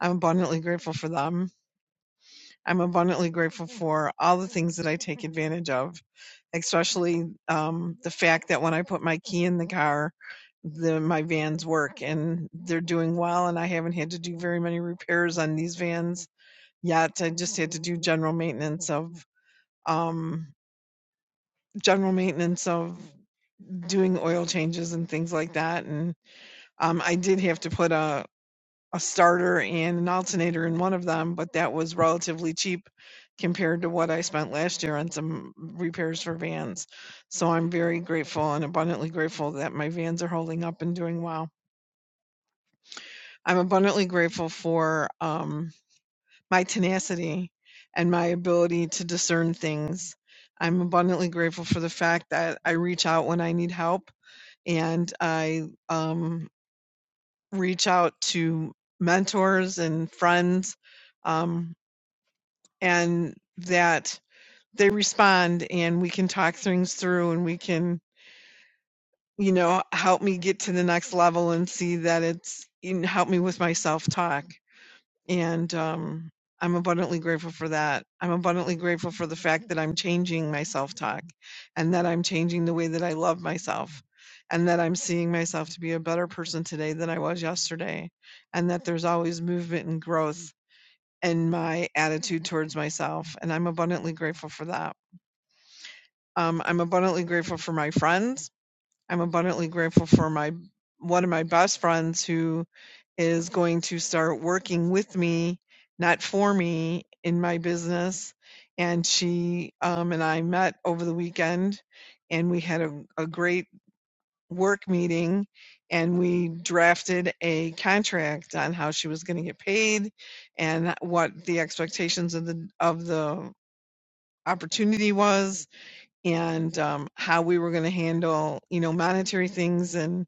H: I'm abundantly grateful for them. I'm abundantly grateful for all the things that I take advantage of, especially um, the fact that when I put my key in the car, the my vans work and they're doing well, and I haven't had to do very many repairs on these vans yet. I just had to do general maintenance of um, general maintenance of doing oil changes and things like that, and um, I did have to put a a starter and an alternator in one of them, but that was relatively cheap compared to what I spent last year on some repairs for vans. So I'm very grateful and abundantly grateful that my vans are holding up and doing well. I'm abundantly grateful for um, my tenacity and my ability to discern things. I'm abundantly grateful for the fact that I reach out when I need help and I um, reach out to mentors and friends. Um, and that they respond and we can talk things through and we can you know help me get to the next level and see that it's you know, help me with my self talk and um I'm abundantly grateful for that. I'm abundantly grateful for the fact that I'm changing my self talk and that I'm changing the way that I love myself and that I'm seeing myself to be a better person today than I was yesterday and that there's always movement and growth and my attitude towards myself. And I'm abundantly grateful for that. Um, I'm abundantly grateful for my friends. I'm abundantly grateful for my one of my best friends who is going to start working with me, not for me, in my business. And she um, and I met over the weekend, and we had a, a great work meeting and we drafted a contract on how she was going to get paid and what the expectations of the of the opportunity was and um, how we were going to handle you know monetary things and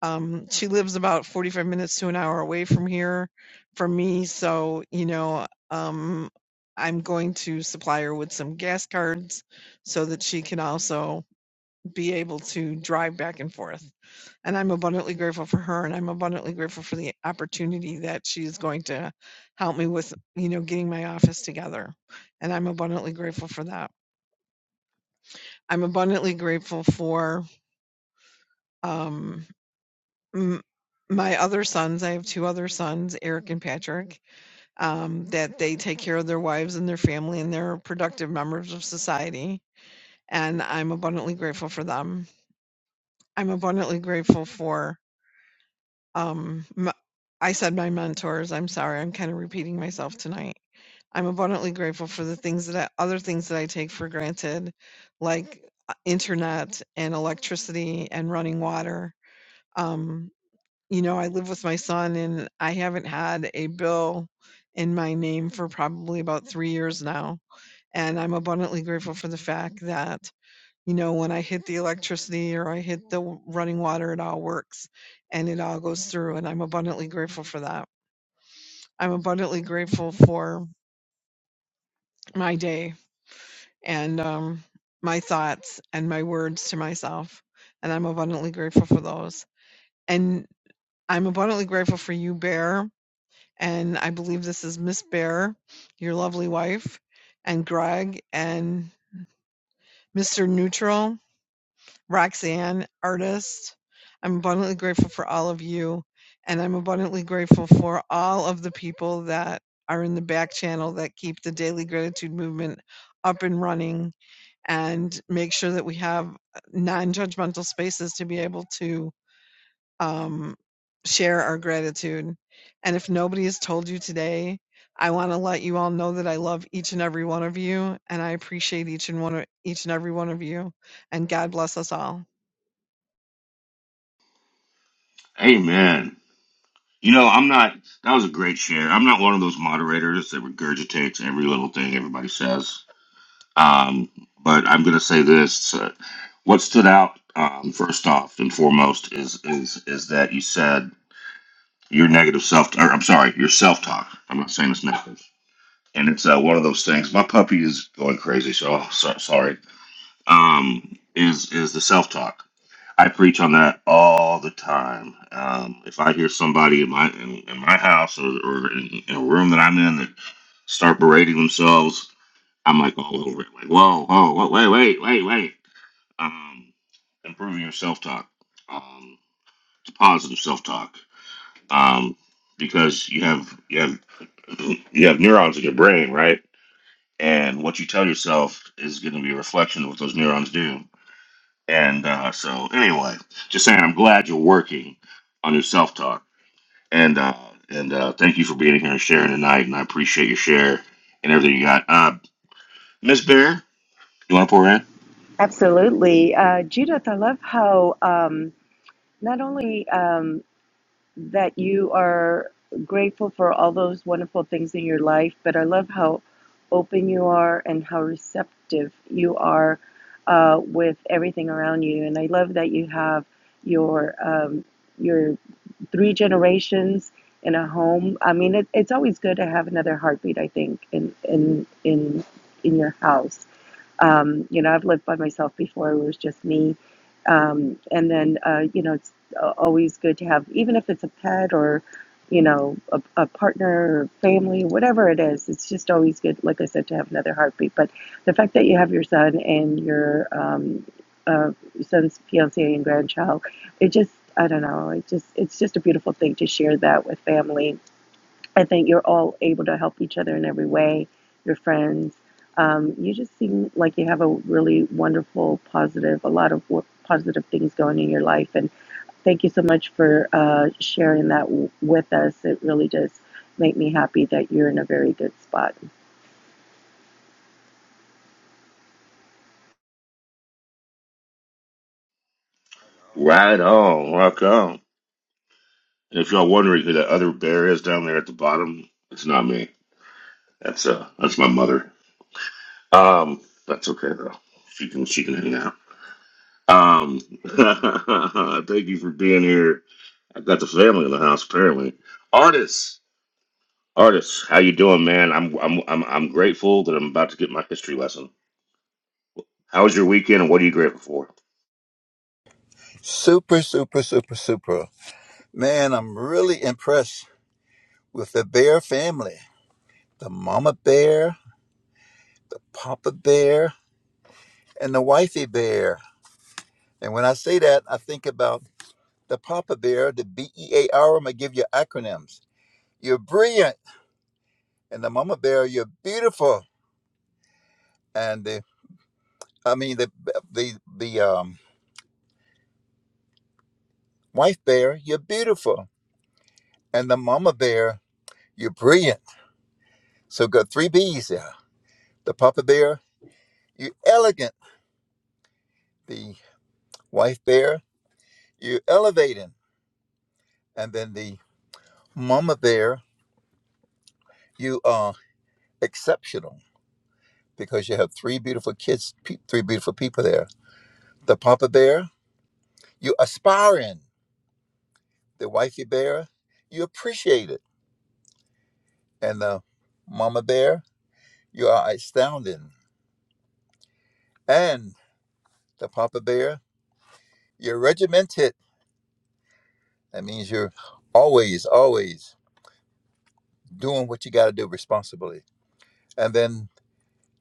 H: um, she lives about 45 minutes to an hour away from here from me so you know um, i'm going to supply her with some gas cards so that she can also be able to drive back and forth. And I'm abundantly grateful for her and I'm abundantly grateful for the opportunity that she's going to help me with, you know, getting my office together. And I'm abundantly grateful for that. I'm abundantly grateful for um m- my other sons, I have two other sons, Eric and Patrick, um, that they take care of their wives and their family and they're productive members of society. And I'm abundantly grateful for them. I'm abundantly grateful for Um, m I said my mentors, I'm sorry, I'm kinda repeating myself tonight. I'm abundantly grateful for the things that I other things that I take for granted, like, uh, internet and electricity and running water. Um, you know, I live with my son, and I haven't had a bill in my name for probably about 3 years now, and I'm abundantly grateful for the fact that you know, when I hit the electricity or I hit the w- running water, it all works and it all goes through. And I'm abundantly grateful for that. I'm abundantly grateful for my day and um, my thoughts and my words to myself. And I'm abundantly grateful for those. And I'm abundantly grateful for you, Bear. And I believe this is Miss Bear, your lovely wife, and Greg, and Mr. Neutral Roxanne, artist. I'm abundantly grateful for all of you, and I'm abundantly grateful for all of the people that are in the back channel that keep the daily gratitude movement up and running and make sure that we have non judgmental spaces to be able to um, share our gratitude. And if nobody has told you today, I want to let you all know that I love each and every one of you, and I appreciate each and one, of- each and every one of you. And God bless us all.
B: Amen. You know, I'm not. That was a great share. I'm not one of those moderators that regurgitates every little thing everybody says. Um, but I'm going to say this: uh, what stood out um, first off and foremost is is is that you said your negative self. Or, I'm sorry, your self talk. I'm not saying it's negative, and it's uh, one of those things. My puppy is going crazy, so, oh, so sorry. Um, is is the self talk? I preach on that all the time. Um, if I hear somebody in my in, in my house or, or in, in a room that I'm in that start berating themselves, I'm like all over it. Like, whoa, whoa, whoa wait, wait, wait, wait. Um, improving your self talk. Um, it's positive self talk. Um, because you have you have you have neurons in your brain, right? And what you tell yourself is going to be a reflection of what those neurons do. And uh, so, anyway, just saying, I'm glad you're working on your self talk. And uh, and uh, thank you for being here and sharing tonight. And I appreciate your share and everything you got. Uh, Miss Bear, you want to pour in?
A: Absolutely. Uh, Judith, I love how um, not only um, that you are grateful for all those wonderful things in your life, but I love how open you are and how receptive you are uh, with everything around you. And I love that you have your um, your three generations in a home. I mean, it, it's always good to have another heartbeat. I think in in in in your house um, you know, I've lived by myself before; it was just me. Um, and then, uh, you know, it's a- always good to have, even if it's a pet or, you know, a, a partner or family, whatever it is. It's just always good, like I said, to have another heartbeat. But the fact that you have your son and your um, uh, son's fiance and grandchild, it just, I don't know, it just, it's just a beautiful thing to share that with family I think you're all able to help each other in every way. Your friends. Um, you just seem like you have a really wonderful, positive, a lot of positive things going in your life. And thank you so much for uh, sharing that w- with us. It really does make me happy that you're in a very good spot.
B: Right on. Welcome. And if y'all wondering who that other bear is down there at the bottom, it's not me. That's uh, that's my mother. Um, that's okay though. She can she can hang out. Um, thank you for being here. I've got the family in the house apparently. Artists. Artists, how you doing, man? I'm I'm I'm I'm grateful that I'm about to get my history lesson. How was your weekend, and what are you grateful for?
I: Super, super, super, super. Man, I'm really impressed with the bear family. The mama bear, the papa bear, and the wifey bear. And when I say that, I think about the papa bear, the B E A R. I'm going to give you acronyms. You're brilliant. And the mama bear, you're beautiful. And the, I mean, the, the, the, um, wife bear, you're beautiful. And the mama bear, you're brilliant. So got three B's there. The papa bear, you're elegant. The wife bear, you elevating. And then the mama bear, you are exceptional because you have three beautiful kids, pe- three beautiful people there. The papa bear, you aspiring. The wifey bear, you appreciate it. And the mama bear, you are astounding. And the papa bear, you're regimented. That means you're always, always doing what you got to do responsibly. And then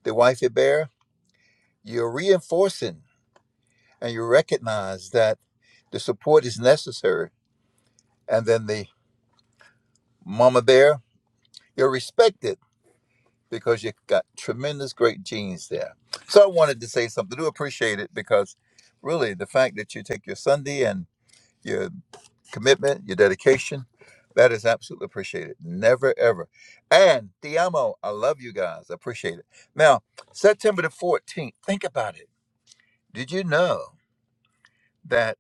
I: the wifey bear, you're reinforcing. and you recognize that the support is necessary. And then the mama bear, you're respected because you've got tremendous great genes there. So I wanted to say something. I Do appreciate it because really the fact that you take your Sunday and your commitment, your dedication, that is absolutely appreciated. Never ever. And Diamo, I love you guys. I appreciate it. Now, September the 14th, think about it. Did you know that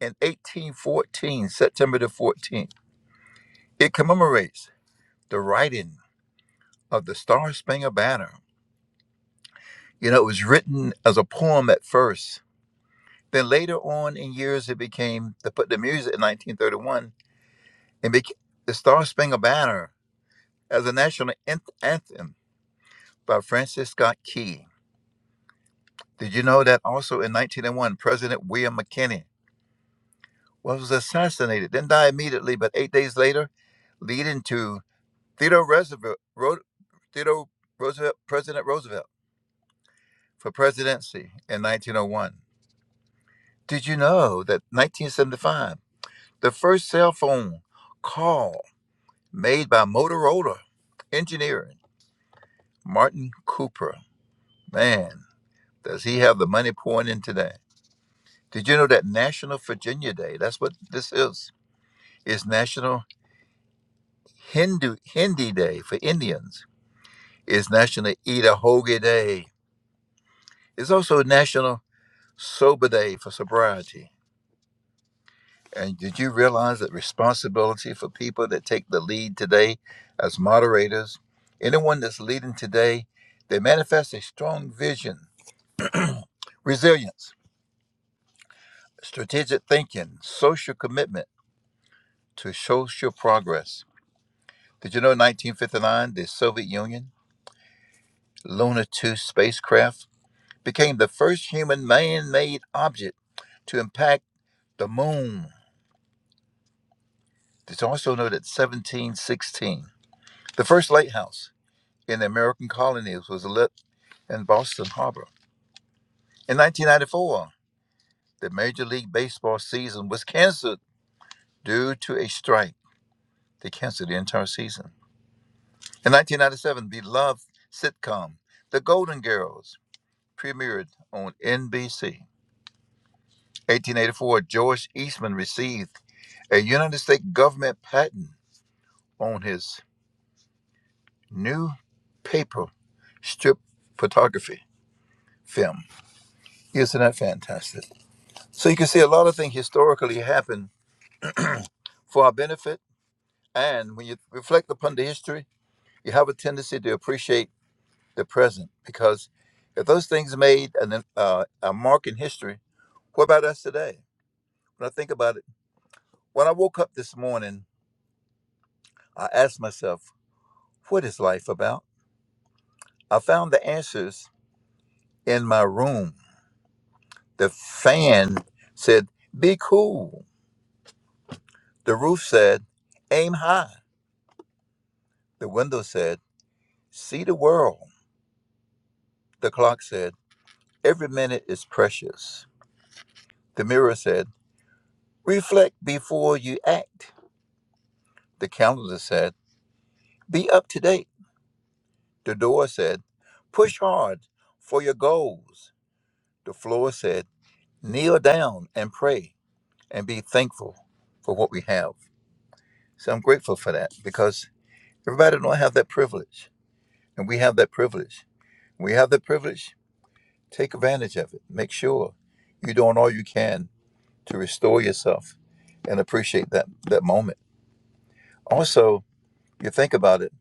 I: in 1814, September the 14th, It commemorates the writing of the Star Spangled Banner. You know, it was written as a poem at first. Then later on in years, it became they put the music in 1931 and became the Star Spangled Banner as a national anthem by Francis Scott Key. Did you know that also in 1901, President William McKinley was assassinated, didn't die immediately, but eight days later, leading to Theodore Roosevelt, Theodore Roosevelt, President Roosevelt. for presidency in 1901. Did you know that 1975, the first cell phone call made by Motorola engineer Martin Cooper? Man, does he have the money pouring in today? Did you know that National Virginia Day, that's what this is, is National Hindu Hindi Day for Indians, is National Eat a Hoagie Day. It's also National Sober Day for sobriety. And did you realize that responsibility for people that take the lead today as moderators, anyone that's leading today, they manifest a strong vision, resilience, strategic thinking, social commitment to social progress. Did you know in 1959, the Soviet Union Luna 2 spacecraft became the first human man made object to impact the moon? Did you also know that 1716, the first lighthouse? in the American colonies was lit in Boston Harbor. In 1994, the Major League Baseball season was canceled due to a strike. They canceled the entire season. In 1997, beloved sitcom The Golden Girls premiered on NBC. 1884, George Eastman received a United States government patent on his new paper strip photography film. Isn't that fantastic? So you can see a lot of things historically happen for our benefit. And when you reflect upon the history, you have a tendency to appreciate the present because if those things made an, uh, a mark in history, what about us today? When I think about it, when I woke up this morning, I asked myself, what is life about? I found the answers in my room. The fan said, be cool. The roof said, aim high. The window said, see the world. The clock said, Every minute is precious. The mirror said, Reflect before you act. The calendar said, Be up to date. The door said, Push hard for your goals. The floor said, Kneel down and pray and be thankful for what we have. So I'm grateful for that because everybody don't have that privilege. And we have that privilege. We have that privilege. Take advantage of it. Make sure you're doing all you can to restore yourself and appreciate that, that moment. Also, You think about it.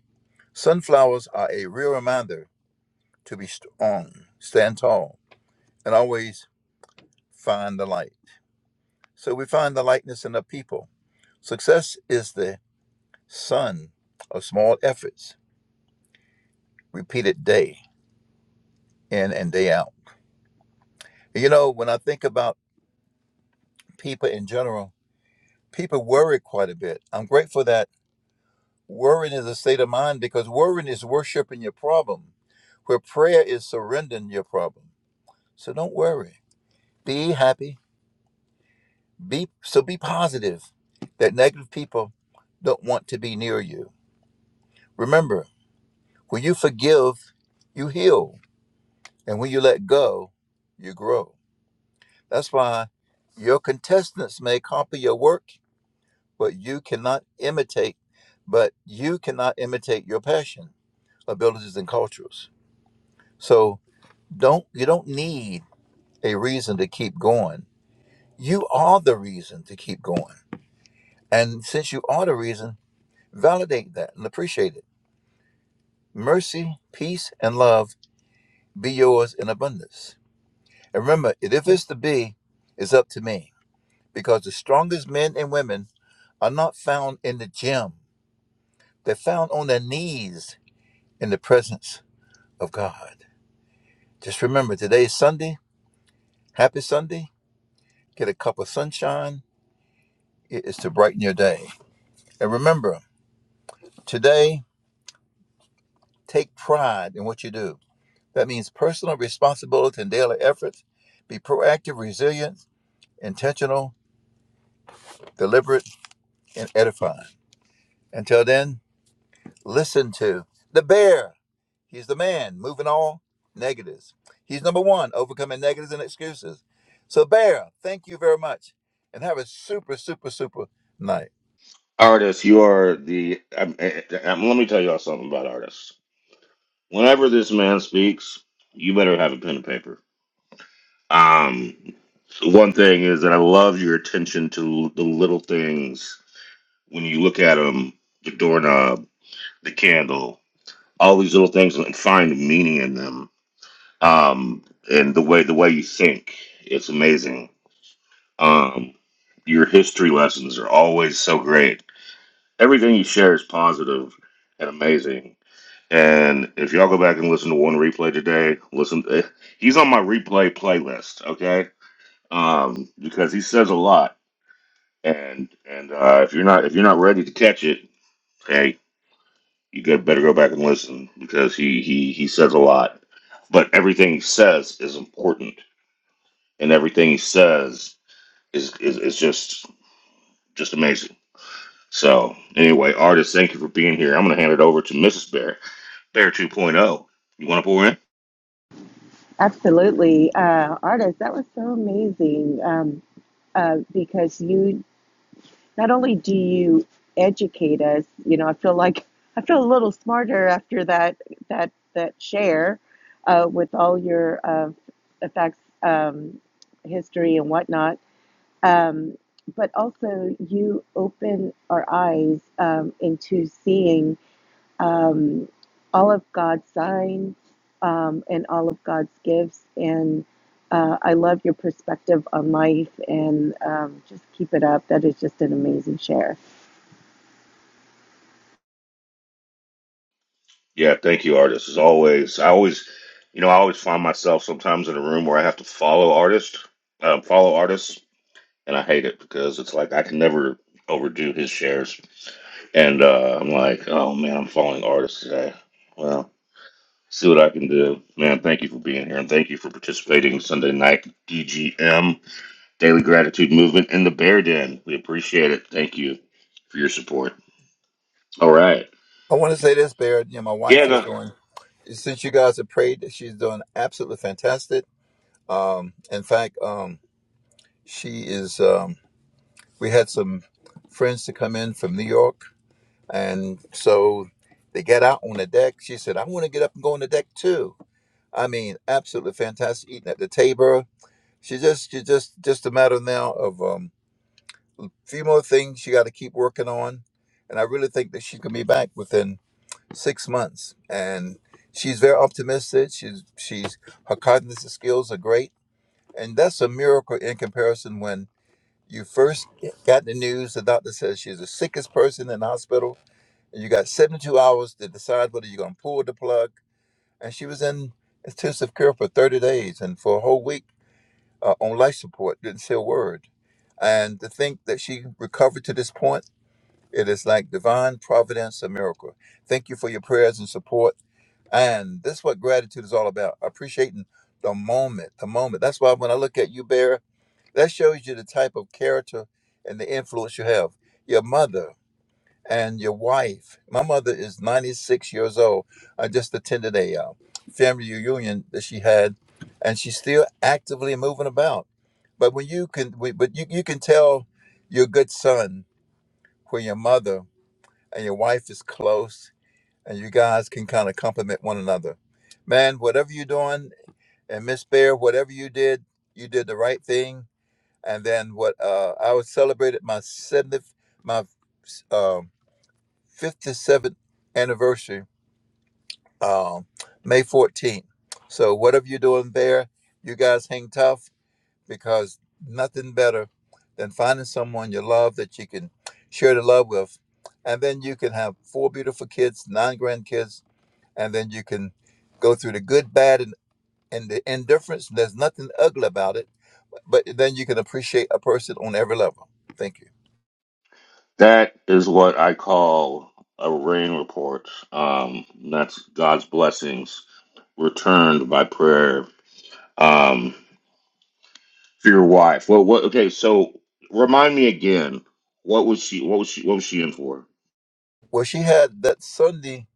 I: Sunflowers are a real reminder to be strong, stand tall, and always find the light. So we find the lightness in the people. Success is the sun of small efforts, repeated day in and day out. you know, when I think about people in general, people worry quite a bit. I'm grateful that worrying is a state of mind because worrying is worshiping your problem, where prayer is surrendering your problem. So don't worry. Be happy Be so be positive that negative people don't want to be near you. Remember, when you forgive, you heal, and when you let go, you grow. That's why your contestants may copy your work, but you cannot imitate but you cannot imitate your passion, abilities and cultures. So don't you don't need a reason to keep going. You are the reason to keep going. And since you are the reason, validate that and appreciate it Mercy, peace, and love be yours in abundance. And remember, if it's to be, it's up to me. Because the strongest men and women are not found in the gym, they're found on their knees in the presence of God. Just remember, today is Sunday. Happy Sunday. Get a cup of sunshine. It is to brighten your day. And remember, today, take pride in what you do. That means personal responsibility and daily effort. Be proactive, resilient, intentional, deliberate, and edifying. Until then, listen to the bear. He's the man moving all negatives. He's number one, overcoming negatives and excuses. So, Bear, thank you very much and have a super, super, super night.
B: artists? you are the. I'm, i I'm- let me tell y'all something about artists. Whenever this man speaks, you better have a pen and paper. Um, one thing is that I love your attention to the little things when you look at them, the doorknob, the candle, all these little things, and find meaning in them. Um, and the way the way you think, it's amazing Um, your history lessons are always so great. Everything you share is positive and amazing. And if y'all go back and listen to one replay today, listen, eh, he's on my replay playlist, okay? Um, because he says a lot. And and uh, if you're not if you're not ready to catch it, hey, you got better go back and listen because he he he says a lot. But everything he says is important, and everything he says is is, is just just amazing. So, anyway, artists, thank you for being here. I'm going to hand it over to Mrs. Bear, Bear 2.0. You want to pour in?
A: Absolutely, uh, artist. That was so amazing. Um, uh, because you not only do you educate us, you know, I feel like I feel a little smarter after that that that share uh, with all your uh, effects, um, history and whatnot. Um, but also, you open our eyes um, into seeing um, all of God's signs um, and all of God's gifts. And uh, I love your perspective on life and um, just keep it up. That is just an amazing share.
B: Yeah, thank you, artists. As always, I always, you know, I always find myself sometimes in a room where I have to follow artists, um, follow artists, and I hate it because it's like I can never overdo his shares. And uh, I'm like, oh man, I'm following artists today. Well, see what I can do. Man, thank you for being here and thank you for participating Sunday night DGM. Daily Gratitude Movement in the Bear Den. We appreciate it. Thank you for your support. All right.
I: I want to say this, Bear. You know, my
B: Yeah,
I: wife is
B: the,
I: doing, since you guys have prayed, she's doing absolutely fantastic. Um, in fact, um, she is, um, we had some friends to come in from New York And so they get out on the deck. She said, I want to get up and go on the deck too. I mean, absolutely fantastic eating at the table. She just, she just, just a matter now of um, a few more things she got to keep working on. And I really think that she can be back within six months. And she's very optimistic. She's, she's, her cognitive skills are great. And that's a miracle in comparison when you first got the news, the doctor says she's the sickest person in the hospital, and you got 72 hours to decide whether you're going to pull the plug. And she was in intensive care for 30 days and for a whole week uh, on life support, didn't say a word. And to think that she recovered to this point, it is like divine providence, a miracle. Thank you for your prayers and support. And this is what gratitude is all about appreciating the moment, the moment. That's why when I look at you, Bear, that shows you the type of character and the influence you have. Your mother and your wife. My mother is 96 years old. I just attended a uh, family reunion that she had, and she's still actively moving about. But when you can, we, but you, you can tell your good son when your mother and your wife is close, and you guys can kind of compliment one another. Man, whatever you're doing, and Miss Bear, whatever you did, you did the right thing and then what uh, I was celebrated my 70th, my um, 57th anniversary, um, May 14th. So whatever you're doing there, you guys hang tough because nothing better than finding someone you love that you can share the love with, and then you can have four beautiful kids, nine grandkids, and then you can go through the good, bad, and and the indifference, there's nothing ugly about it, but then you can appreciate a person on every level. Thank you.
B: that is what I call a rain report. Um, that's God's blessings returned by prayer um, for your wife. Well, what? Okay, so remind me again. What was she? What was she? What was she in for?
I: Well, she had that Sunday.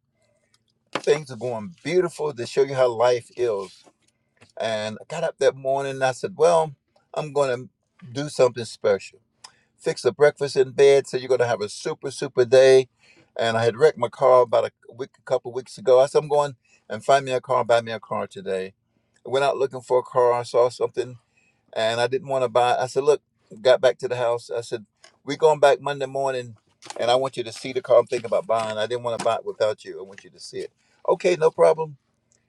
I: Things are going beautiful to show you how life is. And I got up that morning and I said, Well, I'm going to do something special. Fix the breakfast in bed. So you're going to have a super, super day. And I had wrecked my car about a week, a couple weeks ago. I said, I'm going and find me a car, buy me a car today. I went out looking for a car. I saw something and I didn't want to buy. I said, look, got back to the house. I said, we going back Monday morning, and I want you to see the car. I'm thinking about buying. I didn't want to buy it without you. I want you to see it. Okay, no problem.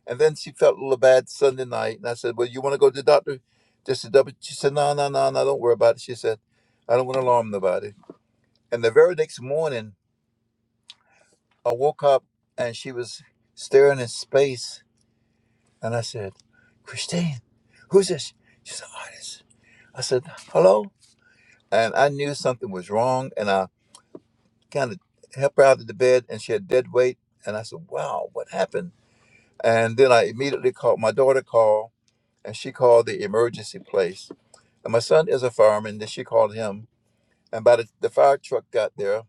I: And then she felt a little bad Sunday night, and I said, well, you want to go to the doctor just to double? She said, no, no, no, no, don't worry about it. She said, I don't want to alarm nobody. And the very next morning, I woke up and she was staring in space, and I said, Christine, who's this? She's an artist. I said, hello. and I knew something was wrong. And I kind of helped her out of the bed, and she had dead weight. And I said, "Wow, what happened?" And then I immediately called my daughter. Called, and she called the emergency place. And my son is a fireman. Then she called him. And by the, the fire truck got there,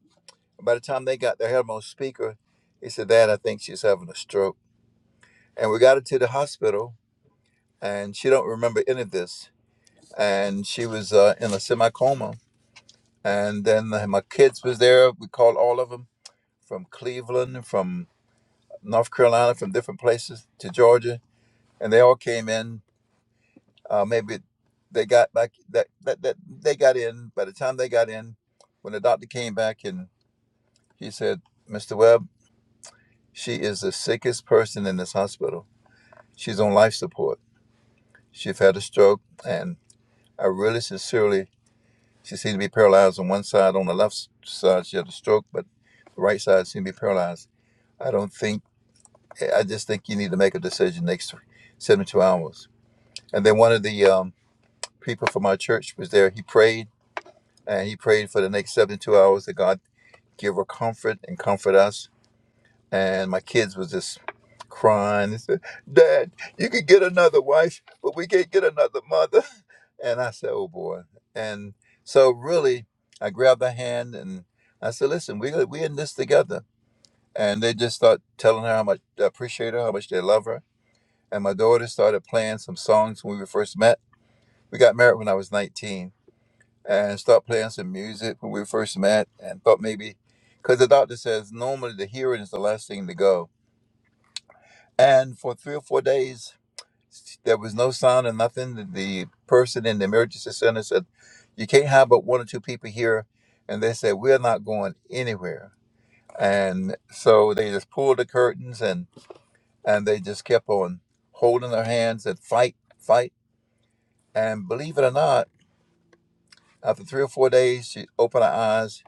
I: by the time they got there, I had him on speaker. He said, "Dad, I think she's having a stroke." And we got her to the hospital, and she don't remember any of this. And she was uh, in a semi coma. And then uh, my kids was there. We called all of them from Cleveland, from North Carolina, from different places to Georgia, and they all came in. Uh, maybe they got back that, that that they got in. By the time they got in, when the doctor came back and he said, "Mr. Webb, she is the sickest person in this hospital. She's on life support. She's had a stroke, and I really sincerely, she seemed to be paralyzed on one side. On the left side, she had a stroke, but the right side seemed to be paralyzed. I don't think." I just think you need to make a decision next 72 hours. And then one of the um, people from our church was there. He prayed and he prayed for the next 72 hours that God give her comfort and comfort us. And my kids was just crying. They said, Dad, you could get another wife, but we can't get another mother. And I said, Oh boy. And so really, I grabbed her hand and I said, Listen, we we in this together. And they just start telling her how much they appreciate her, how much they love her and my daughter started playing some songs when we first met. We got married when I was 19 and started playing some music when we first met and thought maybe, because the doctor says normally the hearing is the last thing to go. And for three or four days, there was no sound and nothing. The the person in the emergency center said, You can't have but one or two people here. And they said, We're not going anywhere. And so they just pulled the curtains and, and they just kept on holding their hands and fight, fight And believe it or not, after three or four days, she opened her eyes,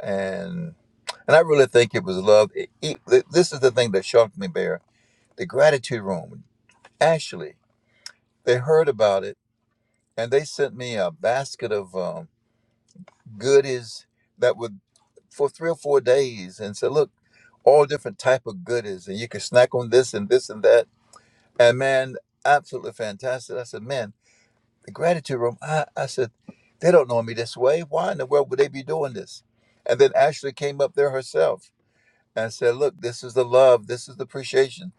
I: and and I really think it was love. It- it- this is the thing that shocked me, Bear. The gratitude room. Actually, they heard about it, and they sent me a basket of um, goodies that would for three or four days, and said, "Look, all different type of goodies, and you can snack on this and this and that." And man, absolutely fantastic. I said, "Man, the gratitude room. I, I said, they don't know me this way. Why in the world would they be doing this? And then Ashley came up there herself and said, look, this is the love. This is the appreciation.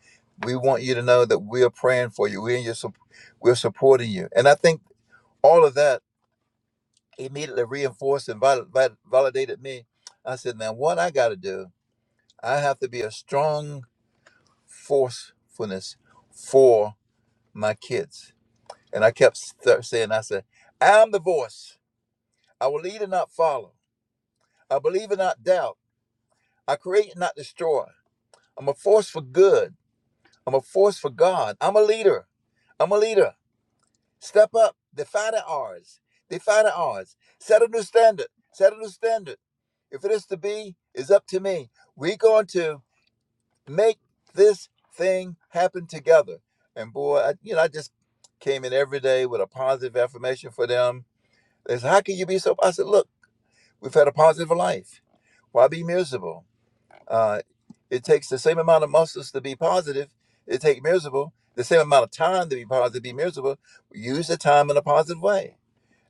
I: We want you to know that we are praying for you. We're, in your, sup- we're supporting you. And I think all of that immediately reinforced and vali- vali- validated me. I said, now what I got to do, I have to be a strong forcefulness for my kids. And I kept st- saying, I said, I'm the voice I will lead and not follow. I believe and not doubt. I create and not destroy. I'm a force for good. I'm a force for God. I'm a leader. I'm a leader. Step up. Defy the odds. Defy the odds. Set a new standard. Set a new standard. If it is to be, it's up to me. We're going to make this thing happen together. And boy, I, you know, I just came in every day with a positive affirmation for them. They said, "How can you be so?" I said, "Look, we've had a positive life. Why be miserable?" Uh, it takes the same amount of muscles to be positive. It takes miserable. The same amount of time to be positive, be miserable. Use the time in a positive way.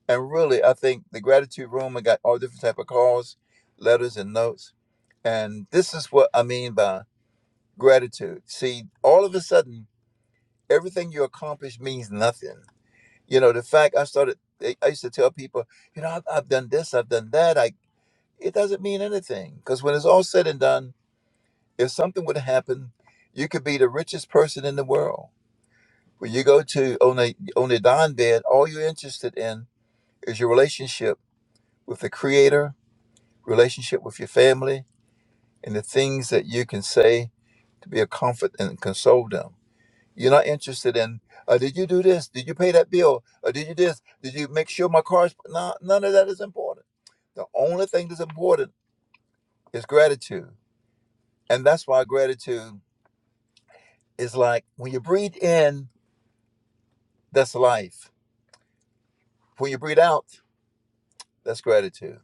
I: And really, I think the gratitude room. I got all different type of calls, letters, and notes. And this is what I mean by gratitude. See, all of a sudden, everything you accomplish means nothing. You know, the fact I started, I used to tell people, you know, I've, I've done this, I've done that. I it doesn't mean anything because when it's all said and done if something would happen, you could be the richest person in the world. When you go to on a on a dawn bed, all you're interested in is your relationship with the Creator, relationship with your family, and the things that you can say to be a comfort and console them. You're not interested in, uh, did you do this? Did you pay that bill? Or did you this? Did you make sure my car's? No, none of that is important. The only thing that's important is gratitude, and that's why gratitude is like when you breathe in, that's life When you breathe out, that's gratitude.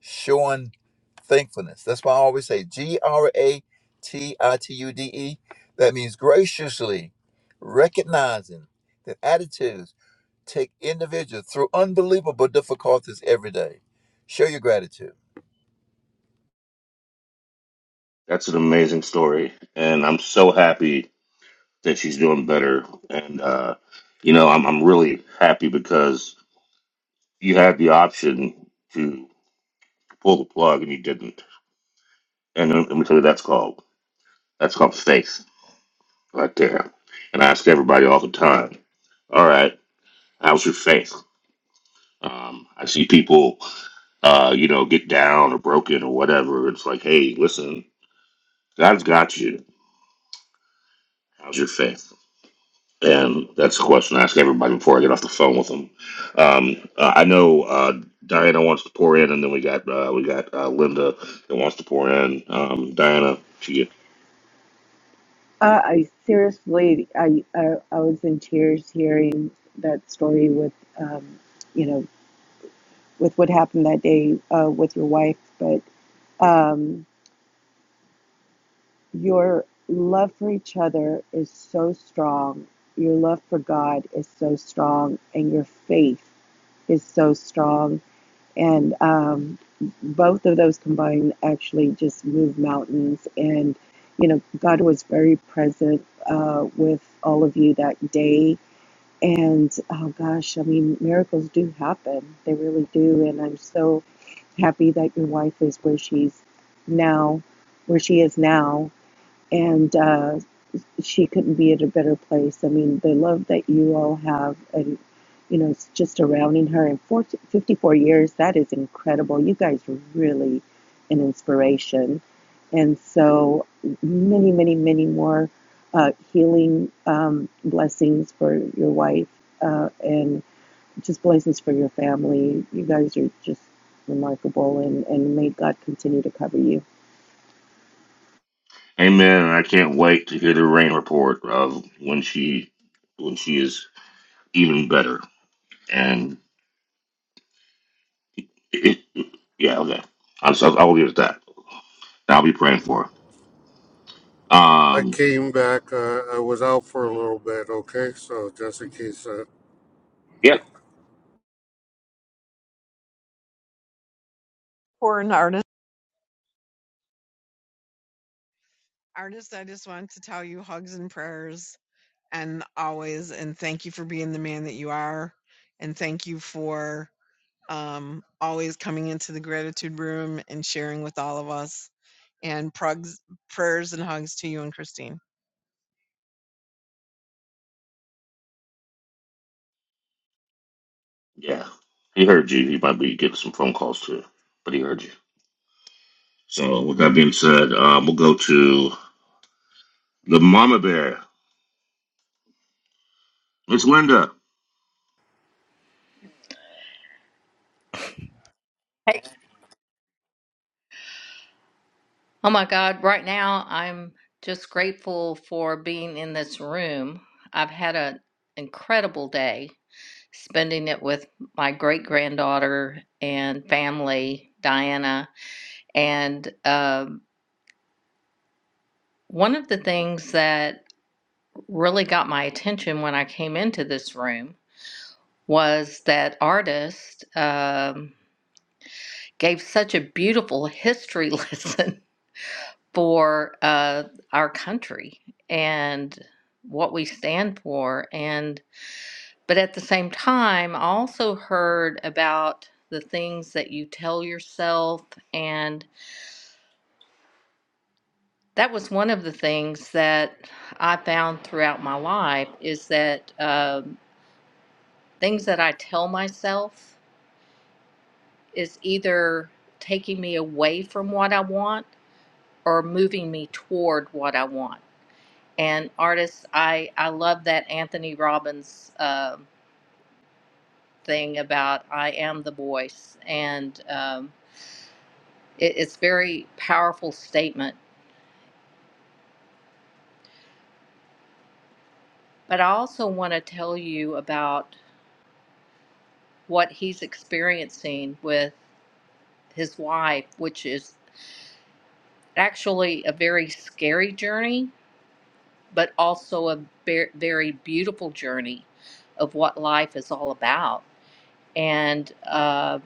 I: Showing thankfulness. That's why I always say G R A T I T U D E. That means graciously recognizing that attitudes take individuals through unbelievable difficulties every day. Show your gratitude.
B: That's an amazing story, and I'm so happy that she's doing better. And uh, you know, I'm I'm really happy because you had the option to pull the plug and you didn't. And let me tell you, that's called that's called faith right there. And I ask everybody all the time, all right, how's your faith? Um, I see people, uh, you know, get down or broken or whatever. It's like, hey, listen, God's got you. How's your faith? And that's the question I ask everybody before I get off the phone with them. Um, uh, I know uh, Diana wants to pour in, and then we got uh, we got uh, Linda that wants to pour in. Um, Diana, to you.
A: Uh, I seriously, I, I I was in tears hearing that story with, um, you know, with what happened that day uh, with your wife. But um, your love for each other is so strong. Your love for God is so strong, and your faith is so strong. And um, both of those combined actually just move mountains. And you know, God was very present uh, with all of you that day And oh gosh, I mean, miracles do happen. They really do. And I'm so happy that your wife is where she's now, where she is now. And uh, she couldn't be at a better place. I mean, the love that you all have and, you know, it's just surrounding her in forty, fifty-four years, that is incredible. You guys are really an inspiration. And so many, many, many more uh, healing um, blessings for your wife uh, and just blessings for your family. You guys are just remarkable and, and may God continue to cover you.
B: Amen. And I can't wait to hear the rain report of when she when she is even better. And it, yeah, okay. I'm so, I will leave it that. I'll be praying for her.
E: I
B: Um,
E: came back. Uh, I was out for a little bit. Okay, so just in case, uh,
B: yeah,
H: For an artist. Artist, I just want to tell you hugs and prayers and always and thank you for being the man that you are and thank you for um, always coming into the gratitude room and sharing with all of us and prugs, prayers and hugs to you and Christine.
B: yeah. He heard you. He might be getting some phone calls too, but he heard you. So with that being said, um, we'll go to the mama bear. It's Linda.
J: Hey. Oh my God, right now I'm just grateful for being in this room. I've had an incredible day spending it with my great granddaughter and family, Diana. And um one of the things that really got my attention when I came into this room was that artist um, gave such a beautiful history lesson for uh, our country and what we stand for. And but at the same time, I also heard about the things that you tell yourself, and that was one of the things that I found throughout my life is that um, things that I tell myself is either taking me away from what I want or moving me toward what I want. And artists, I I love that Anthony Robbins um thing about I am the voice, and um, it, it's very powerful statement. But I also want to tell you about what he's experiencing with his wife, which is actually a very scary journey, but also a very, very beautiful journey of what life is all about. And uh,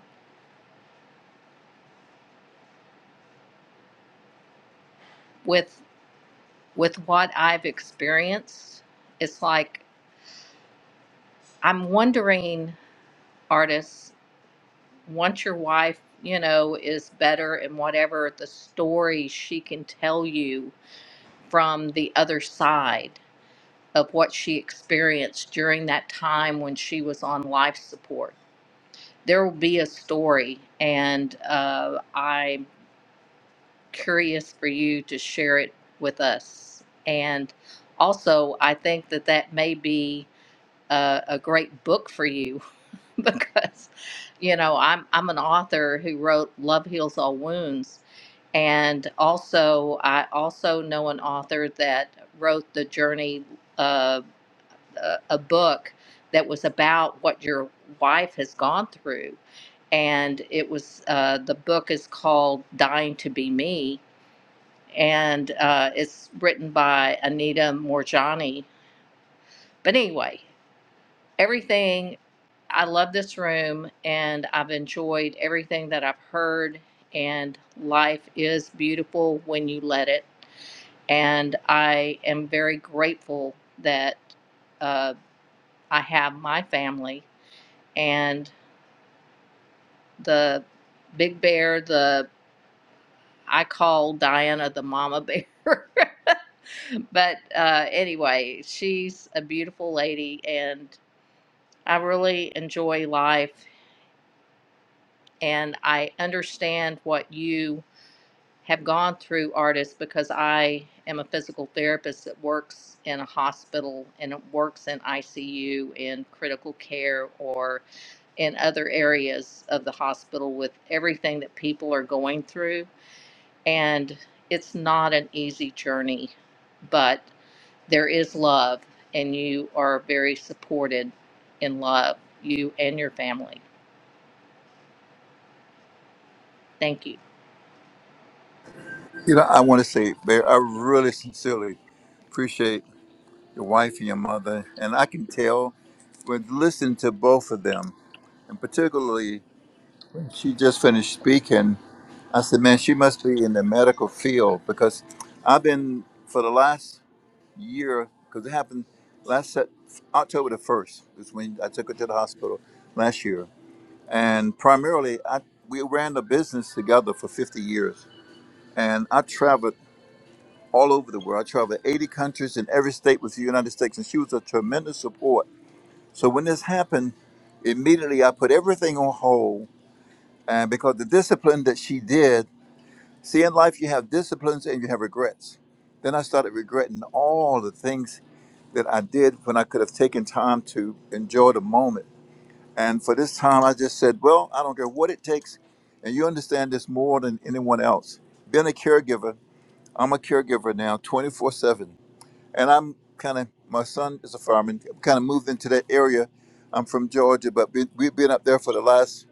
J: with with what I've experienced, it's like I'm wondering, artists, once your wife, you know, is better and whatever the story she can tell you from the other side of what she experienced during that time when she was on life support, there will be a story. And uh, I'm curious for you to share it with us. And also, I think that that may be a, a great book for you because you know I'm I'm an author who wrote Love Heals All Wounds and also I also know an author that wrote the journey uh, a, a book that was about what your wife has gone through and it was uh, the book is called Dying to Be Me and uh, it's written by Anita Morjani but anyway everything I love this room and I've enjoyed everything that I've heard. And life is beautiful when you let it. And I am very grateful that uh, I have my family and the big bear, the I call Diana the mama bear. but uh, anyway, she's a beautiful lady and I really enjoy life. And I understand what you have gone through artists because I am a physical therapist that works in a hospital and it works in ICU and critical care or in other areas of the hospital with everything that people are going through. And it's not an easy journey, but there is love and you are very supported in love, you and your family. Thank you.
I: You know, I want to say, Bear, I really sincerely appreciate your wife and your mother. And I can tell when listening to both of them, and particularly she just finished speaking. I said, man, she must be in the medical field because I've been for the last year, because it happened last Sep- October the 1st is when I took her to the hospital last year. And primarily, I, we ran the business together for 50 years. And I traveled all over the world. I traveled 80 countries in every state with the United States. And she was a tremendous support. So when this happened, immediately I put everything on hold. And because the discipline that she did, See, in life, you have disciplines and you have regrets. Then I started regretting all the things that I did when I could have taken time to enjoy the moment. And for this time, I just said, well, I don't care what it takes. And you understand this more than anyone else. Being a caregiver, I'm a caregiver now 24 7. And I'm kind of, my son is a fireman, kind of moved into that area. I'm from Georgia, but we- we've been up there for the last,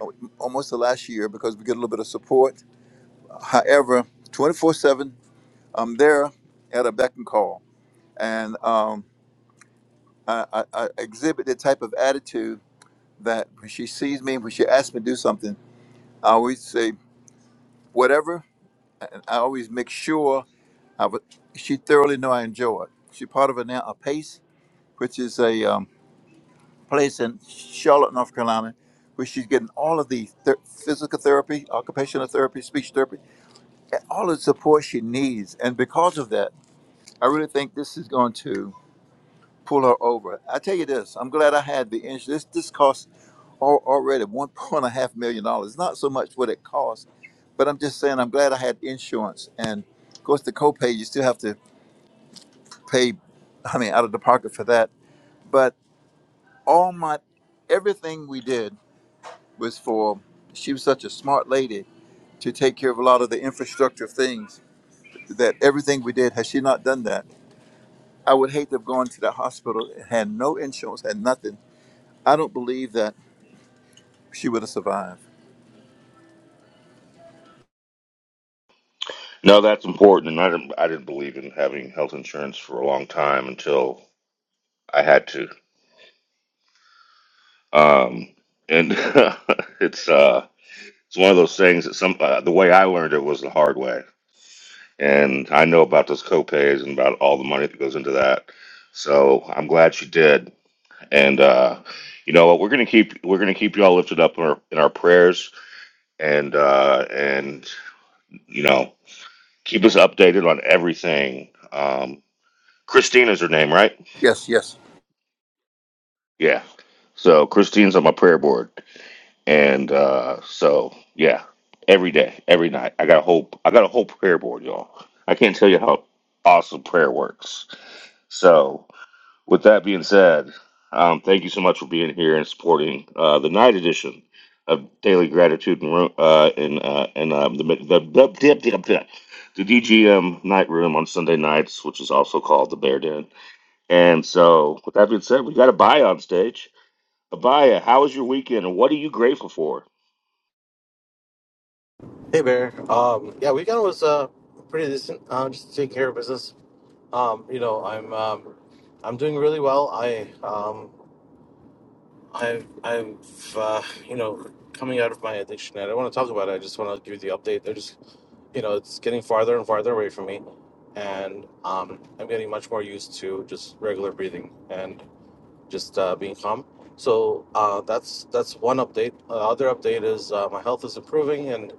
I: oh, almost the last year because we get a little bit of support. However, 24 7, I'm there at a beck and call, and um, I, I, I exhibit the type of attitude that when she sees me, when she asks me to do something, I always say whatever, and I always make sure I would, she thoroughly know I enjoy it. She's part of a now a pace, which is a um, place in Charlotte, North Carolina, where she's getting all of the ther- physical therapy, occupational therapy, speech therapy, and all the support she needs. And because of that, I really think this is going to pull her over. I tell you this, I'm glad I had the insurance. This this costs al- already one point a half million dollars. Not so much what it costs, but I'm just saying I'm glad I had insurance. And of course, the copay you still have to pay. I mean, out of the pocket for that. But all my everything we did was for. She was such a smart lady to take care of a lot of the infrastructure things. That everything we did, had she not done that, I would hate to have gone to the hospital, had no insurance, had nothing. I don't believe that She would have survived.
B: No, that's important, and I didn't. I didn't believe in having health insurance for a long time until I had to. Um, and it's uh, it's one of those things that some uh, the way I learned it was the hard way, and I know about those copays and about all the money that goes into that. So I'm glad she did. And uh, you know what? We're gonna keep we're gonna keep you all lifted up in our in our prayers, and uh, and you know. Keep us updated on everything. Um, Christina's her name, right?
I: Yes, yes.
B: Yeah. So Christine's on my prayer board, and uh, so yeah, every day, every night, I got a whole, I got a whole prayer board, y'all. I can't tell you how awesome prayer works. So With that being said, um, thank you so much for being here and supporting uh, the night edition of Daily Gratitude and Ro- uh, and, uh, and um, the, the, the, the, the DGM night room on Sunday nights, which is also called the Bear Den. And so, with that being said, we got Abaya on stage. Abaya, how was your weekend and what are you grateful for?
K: Hey Bear. Um, yeah, weekend was uh, pretty decent. Uh, just taking care of business. Um, you know, I'm um, I'm doing really well. I um, I I'm uh, you know coming out of my addiction. I don't want to talk about it. I just want to give you the update. They're just you know it's getting farther and farther away from me, and um, I'm getting much more used to just regular breathing and just uh, being calm. So uh, that's that's one update. Uh, other update is uh, my health is improving and.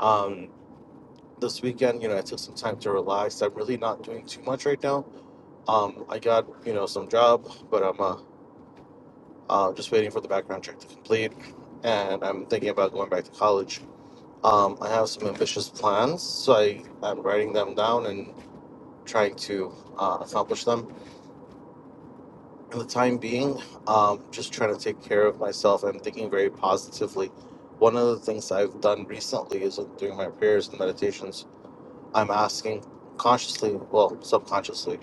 K: Um, this weekend, you know, I took some time to relax. I'm really not doing too much right now. Um, I got, you know, some job, but I'm uh, uh, just waiting for the background check to complete. And I'm thinking about going back to college. Um, I have some ambitious plans, so I, I'm writing them down and trying to uh, accomplish them. In the time being, um, just trying to take care of myself. I'm thinking very positively. One of the things I've done recently is during my prayers and meditations, I'm asking consciously, well, subconsciously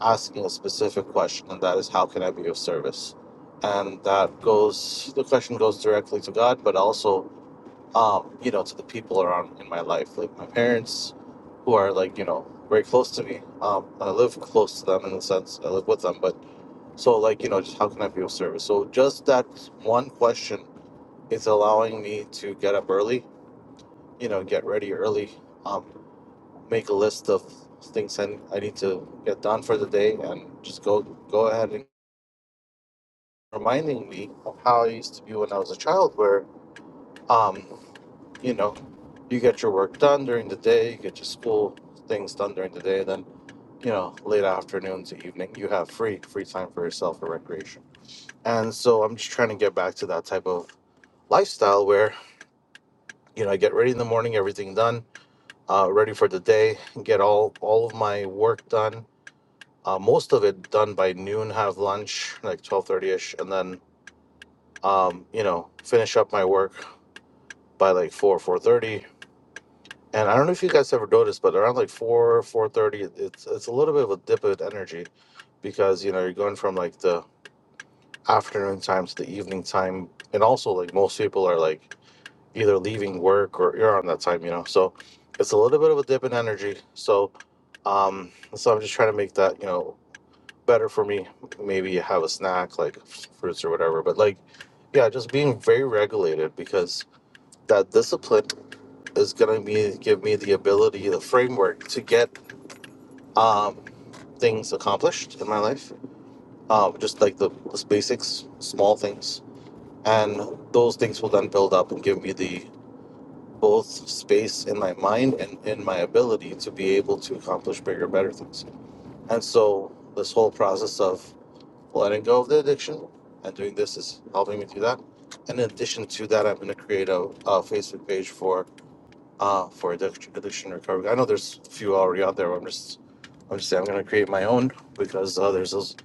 K: asking a specific question, and that is, how can I be of service? And that goes, the question goes directly to God, but also, um, you know, to the people around in my life, like my parents, who are like, you know, very close to me. Um, I live close to them in the sense I live with them, but so like, you know, just how can I be of service? So just that one question is allowing me to get up early, you know, get ready early, um, make a list of things I, I need to get done for the day, and just go go ahead and reminding me of how I used to be when I was a child, where, um, you know, you get your work done during the day, you get your school things done during the day, then, you know, late afternoon to evening, you have free, free time for yourself or recreation. And so I'm just trying to get back to that type of lifestyle where you know I get ready in the morning, everything done, uh, ready for the day, get all all of my work done, uh, most of it done by noon, have lunch like twelve thirty ish, and then um, you know finish up my work, by like four four thirty. And I don't know if you guys ever noticed, but around like four four thirty, it's it's a little bit of a dip in energy because you know you're going from like the afternoon time to the evening time, and also like most people are like either leaving work or you're on that time, you know. So it's a little bit of a dip in energy. So um, so I'm just trying to make that you know better for me. Maybe have a snack like fruits or whatever, but like yeah, just being very regulated because that discipline is going to be give me the ability, the framework to get um, things accomplished in my life, uh, just like the, the basics, small things, and those things will then build up and give me the both space in my mind and in my ability to be able to accomplish bigger, better things. And so this whole process of letting go of the addiction and doing this is helping me do that. And In addition to that, I'm going to create a, a Facebook page for uh, for addiction, addiction recovery. I know there's a few already out there. But I'm just, I'm just saying, I'm going to create my own because uh, there's those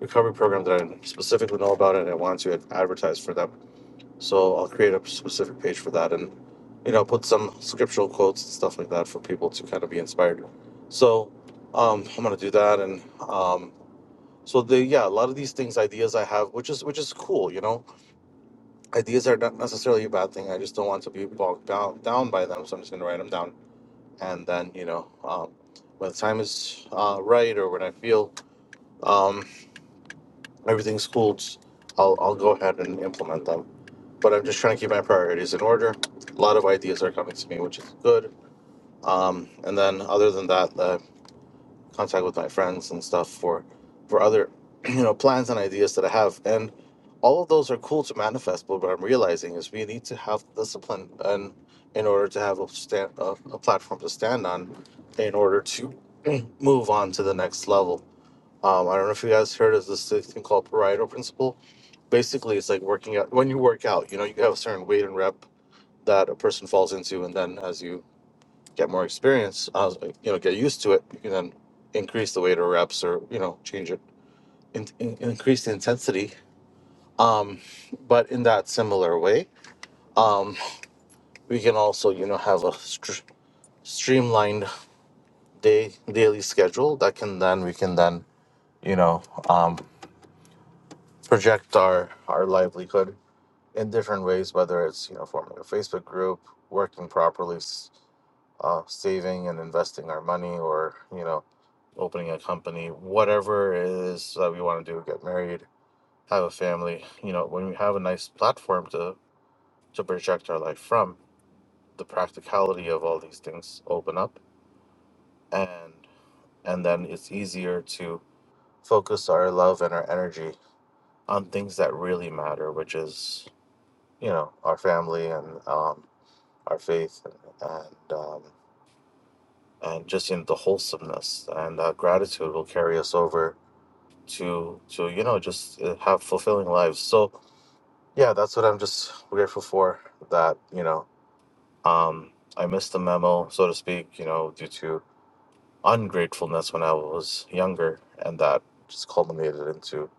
K: recovery programs that I specifically know about and I want to advertise for them. So I'll create a specific page for that and, you know, put some scriptural quotes and stuff like that for people to kind of be inspired. So um, I'm going to do that and. Um, so the yeah, a lot of these things, ideas I have, which is which is cool, you know. Ideas are not necessarily a bad thing. I just don't want to be bogged down down by them, so I'm just gonna write them down and then you know um, when the time is uh, right or when I feel um, everything's cool, I'll I'll go ahead and implement them. But I'm just trying to keep my priorities in order. A lot of ideas are coming to me, which is good. Um, and then other than that, uh, contact with my friends and stuff for for other you know plans and ideas that I have and all of those are cool to manifest but what I'm realizing is we need to have discipline and in order to have a stand a, a platform to stand on in order to move on to the next level um, I don't know if you guys heard of this thing called Pareto principle basically it's like working out when you work out you know you have a certain weight and rep that a person falls into and then as you get more experience, I was like, you know, get used to it. You can then increase the weight or reps or, you know, change it, in, in- increase the intensity. Um, but in that similar way, um, we can also, you know, have a str- streamlined day, daily schedule that can then, we can then, you know, um, project our, our livelihood in different ways, whether it's, you know, forming a Facebook group, working properly, uh, saving and investing our money or you know opening a company whatever it is that we want to do get married have a family you know when we have a nice platform to to project our life from the practicality of all these things open up and and then it's easier to focus our love and our energy on things that really matter which is you know our family and um, our faith and, and um, and just in the wholesomeness and that gratitude will carry us over to to you know just uh, have fulfilling lives so yeah that's what i'm just grateful for that you know um i missed the memo so to speak you know due to ungratefulness when i was younger and that just culminated into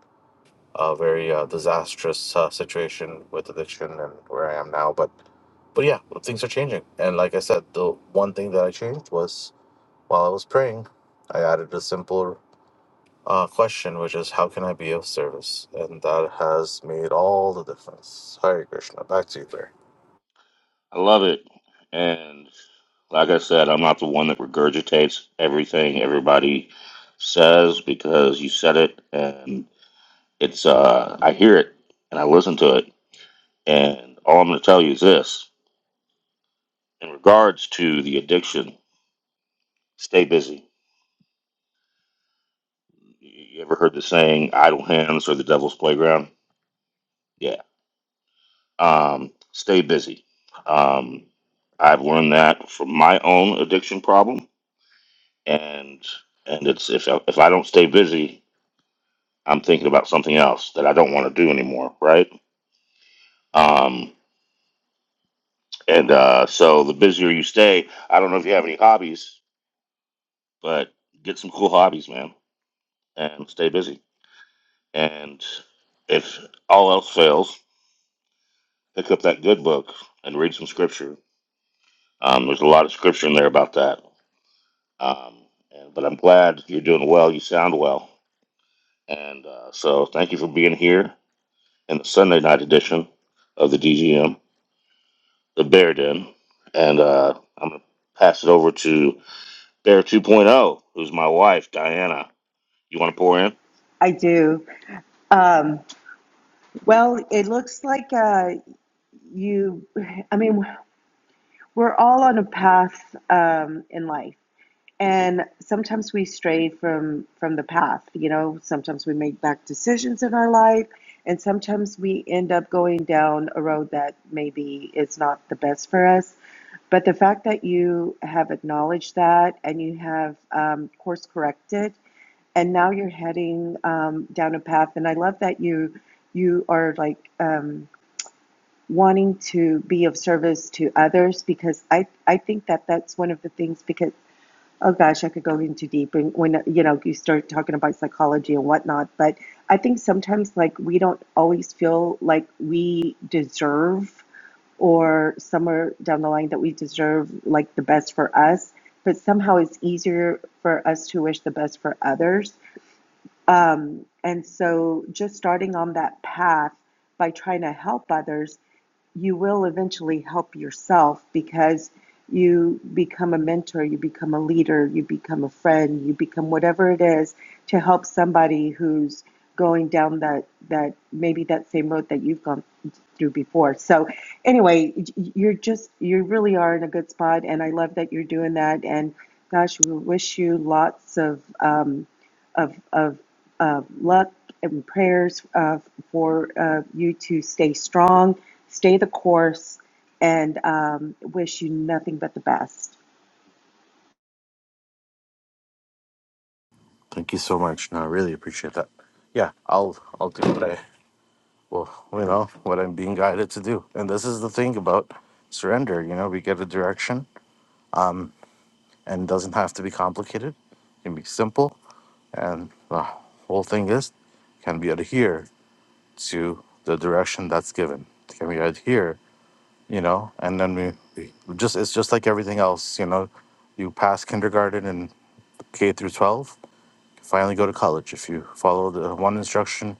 K: a very uh, disastrous uh, situation with addiction and where i am now but but yeah things are changing and like i said the one thing that i changed was while i was praying I added a simple uh, question, which is how can I be of service? And that has made all the difference. Hare Krishna, back to you there.
B: I love it. And like I said, I'm not the one that regurgitates everything everybody says because you said it. and. It's uh, I hear it and I listen to it, and all I'm going to tell you is this: in regards to the addiction, stay busy. You ever heard the saying "idle hands are the devil's playground"? Yeah. Um, stay busy. Um, I've learned that from my own addiction problem, and and it's if I, if I don't stay busy, I'm thinking about something else that I don't want to do anymore, right? Um, and uh, so the busier you stay, I don't know if you have any hobbies, But get some cool hobbies, man, and stay busy. And if all else fails, pick up that good book and read some scripture. Um, there's a lot of scripture in there about that. Um, and, but I'm glad you're doing well. You sound well. And uh, so thank you for being here in the Sunday night edition of the DGM, the Bear Den. And uh, I'm going to pass it over to Bear 2.0, who's my wife, Diana. You want to pour in?
A: I do. Um, well, it looks like. uh. you i mean we're all on a path um, in life and sometimes we stray from from the path you know sometimes we make bad decisions in our life and sometimes we end up going down a road that maybe is not the best for us but the fact that you have acknowledged that and you have um, course corrected and now you're heading um, down a path and i love that you you are like um, wanting to be of service to others because I, I think that that's one of the things because oh gosh I could go into deep and when you know you start talking about psychology and whatnot but I think sometimes like we don't always feel like we deserve or somewhere down the line that we deserve like the best for us but somehow it's easier for us to wish the best for others um, and so, just starting on that path by trying to help others, you will eventually help yourself because you become a mentor, you become a leader, you become a friend, you become whatever it is to help somebody who's going down that that maybe that same road that you've gone through before. So anyway, you're just you really are in a good spot, and I love that you're doing that. And gosh, we wish you lots of um, of of uh, luck and prayers uh, for uh, you to stay strong, stay the course, and um, wish you nothing but the best.
K: Thank you so much. No, I really appreciate that. Yeah, I'll I'll do what I well, you know, what I'm being guided to do. And this is the thing about surrender, you know, we get a direction. Um and it doesn't have to be complicated. It can be simple. And the whole thing is can we adhere to the direction that's given? Can we adhere you know and then we we just it's just like everything else you know you pass kindergarten and k through 12 finally go to college if you follow the one instruction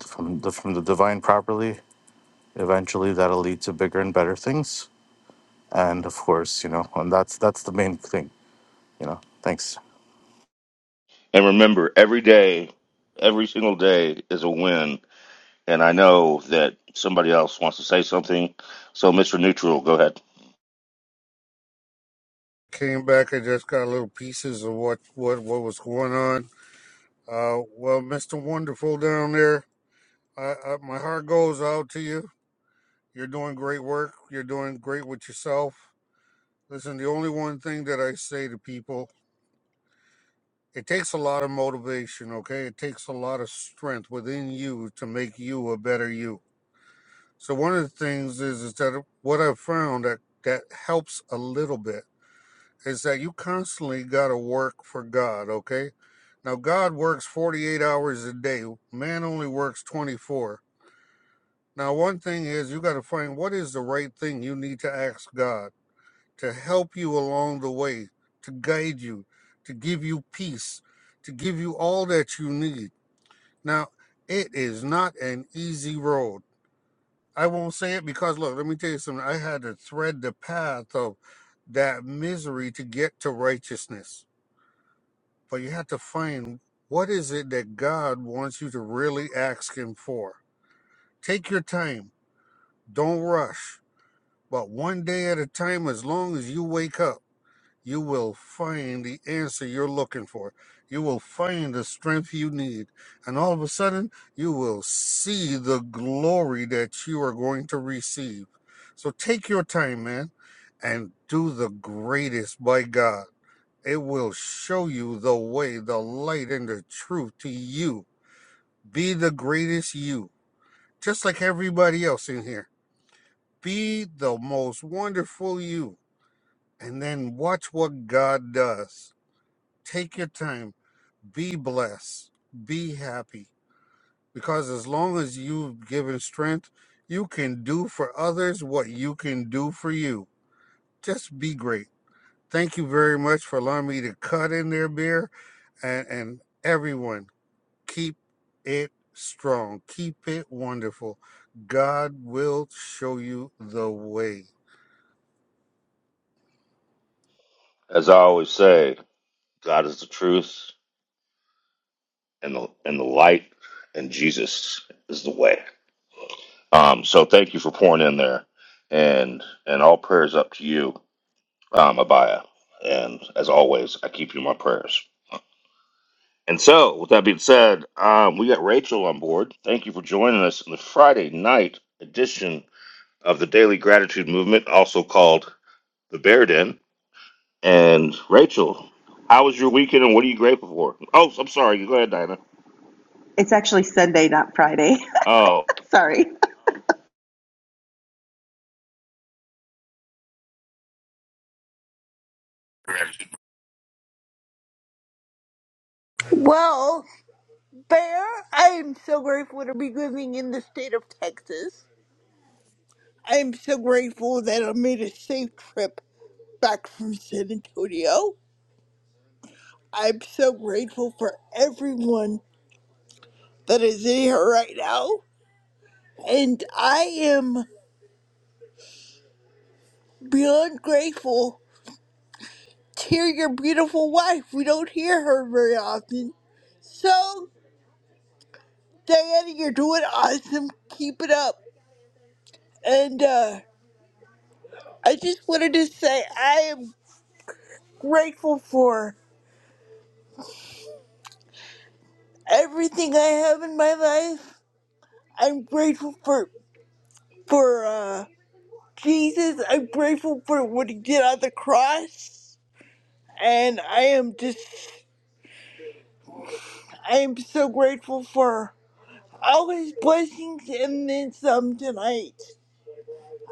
K: from the from the divine properly eventually that'll lead to bigger and better things and of course you know and that's that's the main thing you know thanks
B: And remember, every day, every single day is a win. And I know that somebody else wants to say something. So, Mr. Neutral, go ahead.
E: came back. I just got little pieces of what what what was going on. Uh, well, Mister Wonderful down there, I, I, my heart goes out to you. You're doing great work. You're doing great with yourself. Listen, the only one thing that I say to people, it takes a lot of motivation. Okay, it takes a lot of strength within you to make you a better you So one of the things is is that what I've found that that helps a little bit is that you constantly got to work for God. Okay, now God works forty eight hours a day. Man only works twenty four. Now one thing is you got to find what is the right thing you need to ask God to help you along the way, to guide you, to give you peace, to give you all that you need. Now it is not an easy road I won't say it because look, let me tell you something. I had to thread the path of that misery to get to righteousness. But you have to find what is it that God wants you to really ask him for. Take your time. Don't rush. But one day at a time as long as you wake up you will find the answer you're looking for. You will find the strength you need. And all of a sudden, you will see the glory that you are going to receive. So take your time, man, and do the greatest by God. It will show you the way, the light, and the truth to you. Be the greatest you, just like everybody else in here. Be the most wonderful you, and then watch what God does Take your time. Be blessed. Be happy. Because as long as you've given strength, you can do for others what you can do for you. Just be great. Thank you very much for allowing me to cut in there, beer. And, and everyone, keep it strong. Keep it wonderful. God will show you the way.
B: As I always say, God is the truth and the, and the light, and Jesus is the way. Um, so, thank you for pouring in there. And, and all prayers up to you, um, Abaya. And as always, I keep you in my prayers. And so, with that being said, um, we got Rachel on board. Thank you for joining us in the Friday night edition of the Daily Gratitude Movement, also called the Bear Den. And Rachel, how was your weekend and what are you grateful for? Oh, I'm sorry. Go ahead, Dinah.
A: It's actually Sunday, not Friday.
B: Oh,
A: Sorry.
L: Well, Bear, I am so grateful to be living in the state of Texas. I am so grateful that I made a safe trip back from San Antonio. I'm so grateful for everyone that is in here right now. And I am beyond grateful to hear your beautiful wife. We don't hear her very often. So, Diana, you're doing awesome. Keep it up. And uh, I just wanted to say I am grateful for everything I have in my life. I'm grateful for for uh, Jesus. I'm grateful for what he did on the cross, and I am just I am so grateful for all his blessings and then some tonight.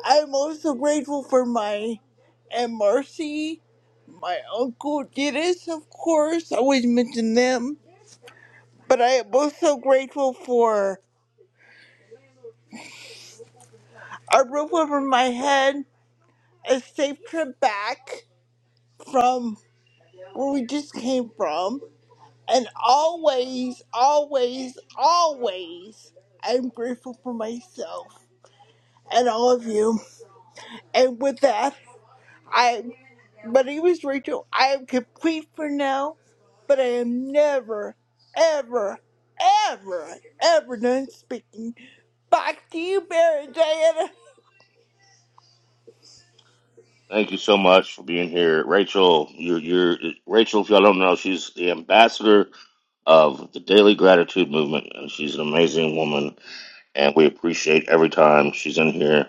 L: I'm also grateful for my and Marcy, my uncle Dennis, of course. I always mention them, but I am also grateful for a roof over my head a safe trip back from where we just came from. And always, always, always, I'm grateful for myself and all of you. And with that, I, my name is Rachel. I am complete for now, but I am never, ever, ever, ever done speaking. Back to you, Mary Diana.
B: thank you so much for being here. Rachel, you're, you're Rachel, if y'all don't know, she's the ambassador of the Daily Gratitude Movement, and she's an amazing woman, and we appreciate every time she's in here,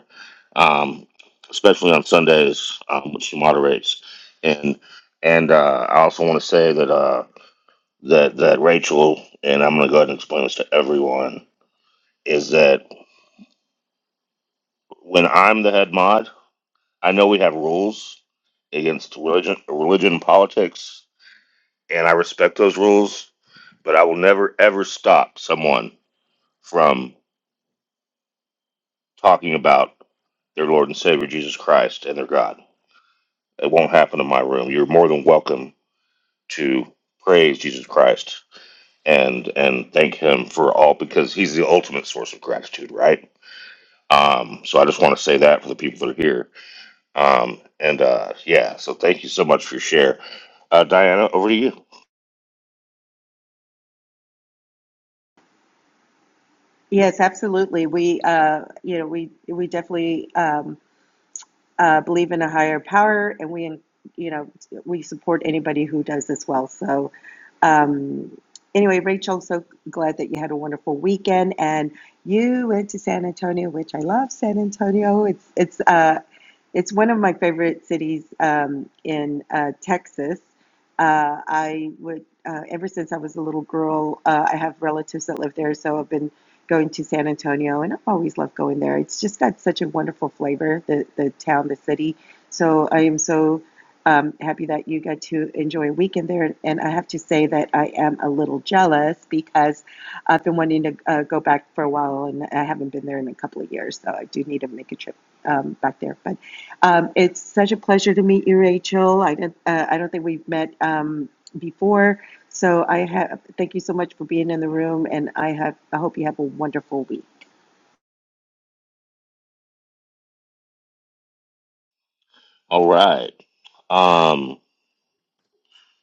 B: um, especially on Sundays um, when she moderates. And and uh, I also want to say that. Uh, that that Rachel and I'm going to go ahead and explain this to everyone is that when I'm the head mod, I know we have rules against religion, religion and politics, and I respect those rules, but I will never ever stop someone from talking about their Lord and Savior Jesus Christ and their God. It won't happen in my room. You're more than welcome to praise Jesus Christ and and thank him for all because he's the ultimate source of gratitude, right? Um, so I just want to say that for the people that are here. Um, and uh, yeah, so thank you so much for your share, uh, Diana. Over to you.
A: Yes, absolutely. We, uh, you know, we we definitely. Um, uh, believe in a higher power, and we, you know, we support anybody who does this well. So, um, anyway, Rachel, so glad that you had a wonderful weekend, and you went to San Antonio, which I love. San Antonio, it's it's uh, it's one of my favorite cities um, in uh, Texas. Uh, I would. Uh, ever since I was a little girl, uh, I have relatives that live there, so I've been going to San Antonio, and I've always loved going there. It's just got such a wonderful flavor, the the town, the city. So I am so um, happy that you got to enjoy a weekend there. And I have to say that I am a little jealous because I've been wanting to uh, go back for a while, and I haven't been there in a couple of years. So I do need to make a trip um, back there. But um, it's such a pleasure to meet you, Rachel. I didn't, uh, I don't think we've met um, before. So I have thank you so much for being in the room, and I have I hope you have a wonderful week.
B: All right, um,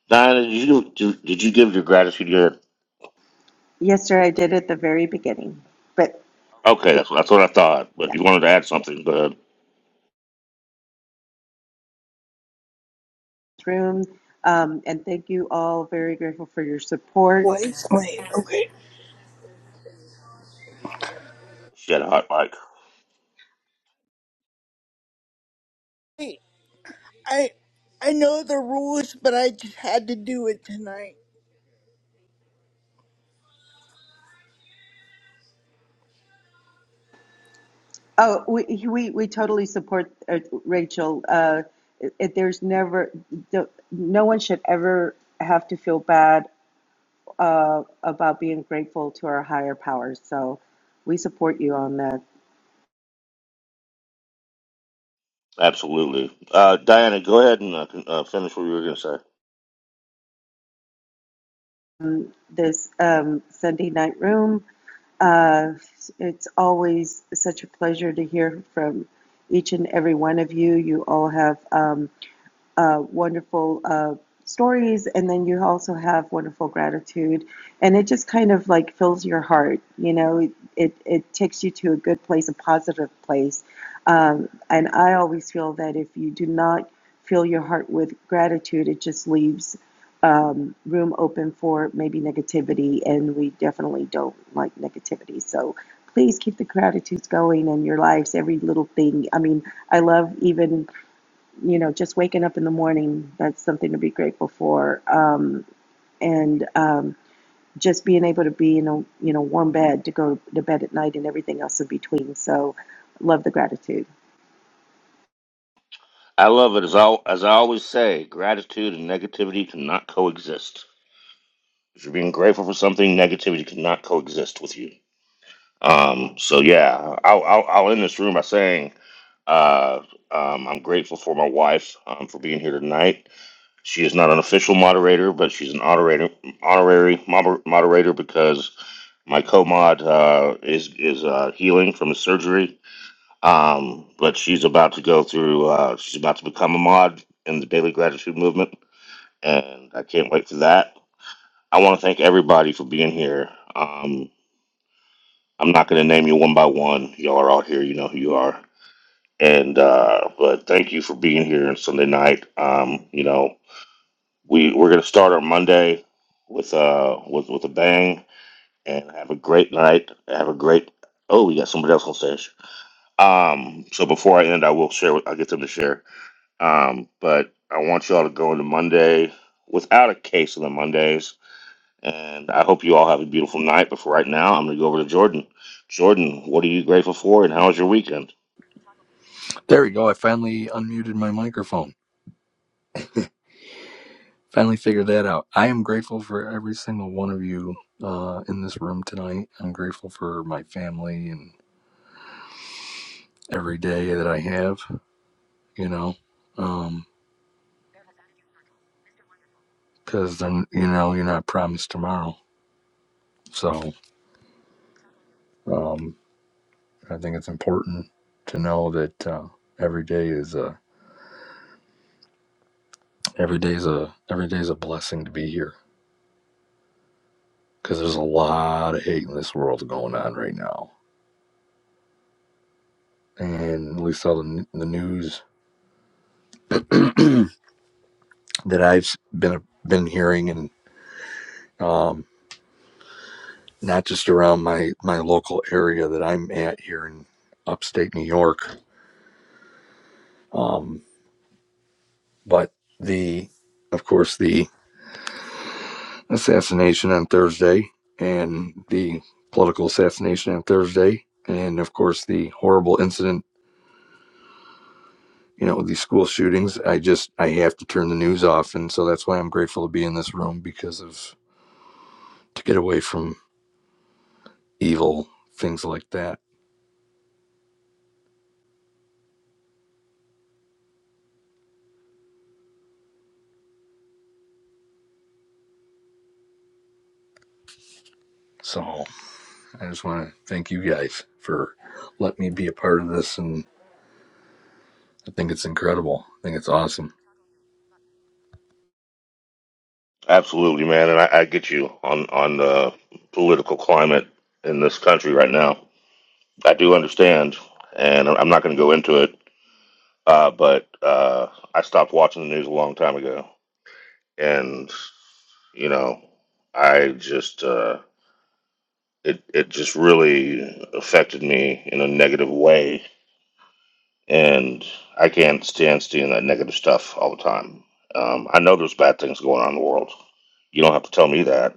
B: Diana, did you did, did you give your gratitude yet?
A: Yes, sir, I did at the very beginning, but
B: Okay, that's, that's what I thought. But
A: yeah,
B: you wanted to add something, go ahead.
A: room. Um, and thank you all. Very grateful for your support.
L: Wait, wait, okay.
B: She had a hot mic.
L: I I know the rules, but I just had to do it tonight.
A: Oh, we we, we totally support uh, Rachel. Uh, it, it- there's never the, no one should ever have to feel bad uh, about being grateful to our higher powers. So we support you on that.
B: Absolutely, uh, Diana. Go ahead and uh, con- uh, finish what you were going to say.
A: this um, Sunday night room. Uh, it's always such a pleasure to hear from each and every one of you. You all have. Um, uh, wonderful uh, stories, and then you also have wonderful gratitude, and it just kind of like fills your heart. You know, it it takes you to a good place, a positive place. Um, and I always feel that if you do not fill your heart with gratitude, it just leaves um, room open for maybe negativity, and we definitely don't like negativity. So please keep the gratitudes going in your lives, every little thing. I mean, I love even you know, just waking up in the morning, that's something to be grateful for. Um, and um, just being able to be in a, you know, warm bed to go to bed at night and everything else in between. So love the gratitude.
B: I love it as I as I always say. Gratitude and negativity cannot coexist. If you're being grateful for something, negativity cannot coexist with you. Um, so yeah, I'll, I'll, I'll end this room by saying uh, um, I'm grateful for my wife um, for being here tonight. She is not an official moderator, but she's an honorary honorary moder- moderator because my co-mod uh, is is uh, healing from his surgery. Um, but she's about to go through. Uh, she's about to become a mod in the Daily Gratitude Movement, and I can't wait for that. I want to thank everybody for being here. Um, I'm not going to name you one by one. Y'all are out here. You know who you are. And uh, but thank you for being here on Sunday night. Um, you know we we're going to start our Monday with uh with with a bang and have a great night. Have a great. Oh, we got somebody else on stage. Um, so before I end, I will share. with- I'll get them to share. Um, but I want y'all to go into Monday without a case on the Mondays and I hope you all have a beautiful night. But for right now, I'm going to go over to Jordan. Jordan, what are you grateful for, and how was your weekend?
M: There we go. I finally unmuted my microphone. Finally figured that out. I am grateful for every single one of you uh, in this room tonight. I'm grateful for my family and every day that I have, you know, because then, you know, you're not promised tomorrow. So um, I think it's important to know that uh, every day is a, every day is a, every day is a blessing to be here because there's a lot of hate in this world going on right now. And we saw the, the news that I've been been hearing, and um, not just around my my local area that I'm at here in upstate New York, um, but the of course the assassination on Thursday and the political assassination on Thursday, and of course the horrible incident. You know these school shootings. I just I have to turn the news off, and so that's why I'm grateful to be in this room because of to get away from evil things like that. So. I just want to thank you guys for letting me be a part of this, and I think it's incredible. I think it's awesome.
B: Absolutely, man. And I, I get you on on the political climate in this country right now. I do understand, and I'm I'm not going to go into it. Uh, but uh, I stopped watching the news a long time ago, and you know, I just uh, it it just really affected me in a negative way and I can't stand seeing that negative stuff all the time. Um, I know there's bad things going on in the world. You don't have to tell me that,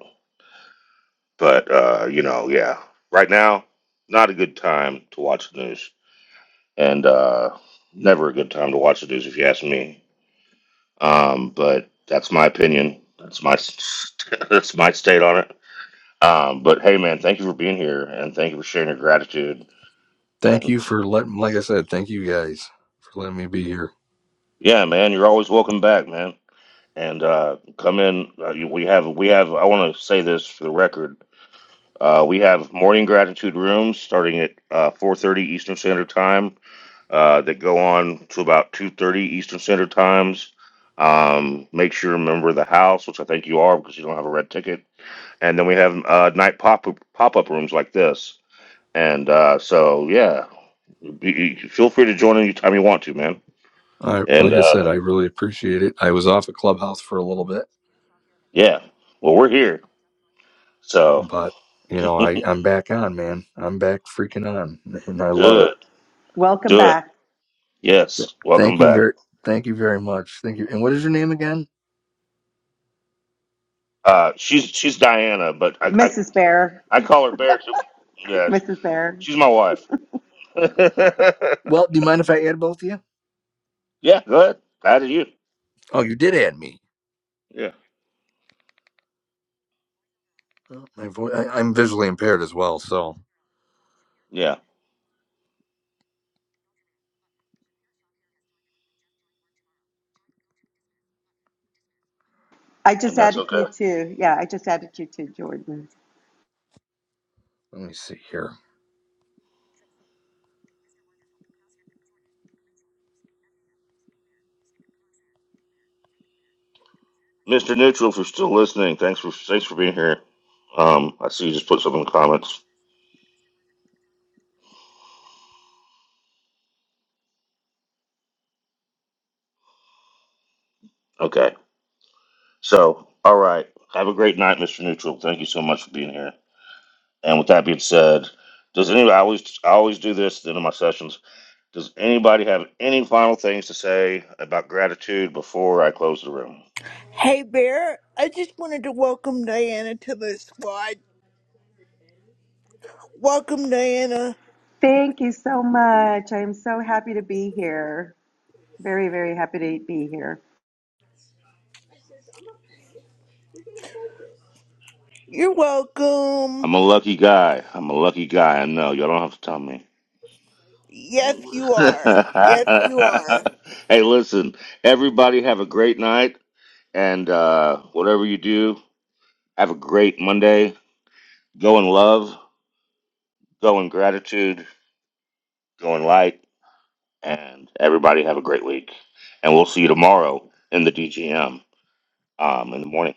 B: but uh, you know, yeah. Right now, not a good time to watch the news, and uh, never a good time to watch the news if you ask me. Um, but that's my opinion. That's my that's my state on it. Um, but hey, man, thank you for being here, and thank you for sharing your gratitude.
M: Thank
B: And
M: you for letting, like I said, thank you guys for letting me be here.
B: yeah, man, you're always welcome back, man. and uh, come in. Uh, you- we have we have. I want to say this for the record. Uh, we have morning gratitude rooms starting at uh, 4:30 Eastern Standard Time uh, that go on to about 2:30 Eastern Standard Times. Um, make sure you're a member of the house, which I think you are because you don't have a red ticket. And then we have uh, night pop pop up rooms like this. And uh, so yeah, you, you- feel free to join anytime you want to, man.
M: I,
B: And
M: like I said,
B: uh,
M: I really appreciate it. I was off at Clubhouse for a little bit,
B: yeah, well we're here, so
M: but you
B: do
M: know, I I'm back on, man. I'm back freaking on, and I love it.
B: it,
A: Welcome
B: do it.
A: back.
M: Th-
B: Yes, welcome
M: Thank you
B: back.
M: very, thank you very much. Thank you. And what is your name again?
B: Uh, she's she's Diana, but I I, I call her Bear too. Yes, she's my wife. yeah,
M: Well, do you mind if I add both of you?
B: go ahead. How do you?
M: Oh, you did add me.
B: Yeah,
M: Oh, My voice, I'm visually impaired as well, so
B: yeah,
A: I
B: and
A: just
B: that's
A: added
B: okay.
A: you too. Yeah, I just added you too, Jordan.
M: let me see here.
B: Mister Neutral, if you're still listening, thanks for thanks for being here. Um, I see you just put something in the comments. Okay, so all right, have a great night, Mister Neutral. Thank you so much for being here. And with that being said, does anybody I always I always do this at the end of my sessions? Does anybody have any final things to say about gratitude before I close the room?
L: Hey Bear, I just wanted to welcome Diana to the squad. Welcome Diana.
A: Thank you so much. I am so happy to be here. Very, very happy to be here.
L: You're welcome.
B: I'm a lucky guy. I'm a lucky guy. I know. Y'all don't have to tell me.
L: Yes, you are. Yes, you are.
B: hey, listen, everybody have a great night. And uh, whatever you do, have a great Monday. Go in love, go in gratitude, go in light. And everybody have a great week. And we'll see you tomorrow in the DGM um, in the morning.